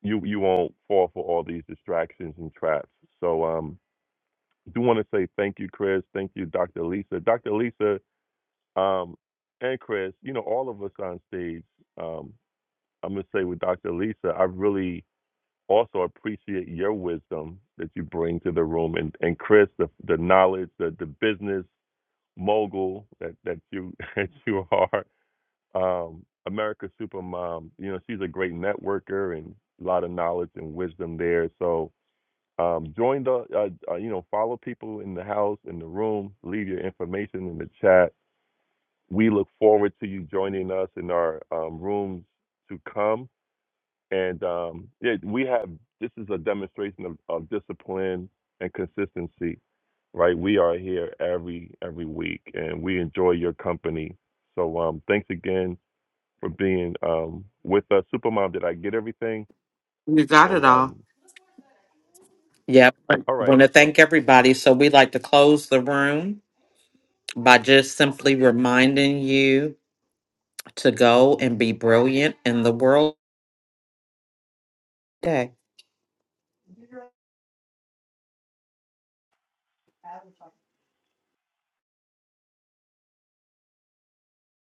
B: you you won't fall for all these distractions and traps. So um, I do want to say thank you, Chris. Thank you, Dr. Lisa. Dr. Lisa, um, and Chris, you know, all of us on stage, um, I'm going to say with Dr. Lisa, I really also appreciate your wisdom that you bring to the room. And, and Chris, the, the knowledge, the, the business mogul that, that you that you are, um, America's Supermom, you know, she's a great networker and a lot of knowledge and wisdom there. So um, join the, uh, uh, you know, follow people in the house, in the room, leave your information in the chat we look forward to you joining us in our um, rooms to come. And um, yeah, we have this is a demonstration of, of discipline and consistency, right? We are here every every week, and we enjoy your company. So um, thanks again for being um, with us, Supermom. Did I get everything?
A: You got
B: And
A: it all.
B: um,
A: Yep. I
B: all right,
A: Want to
B: so.
A: thank everybody. So we like to close the room by just simply reminding you. to go and be brilliant in the world today.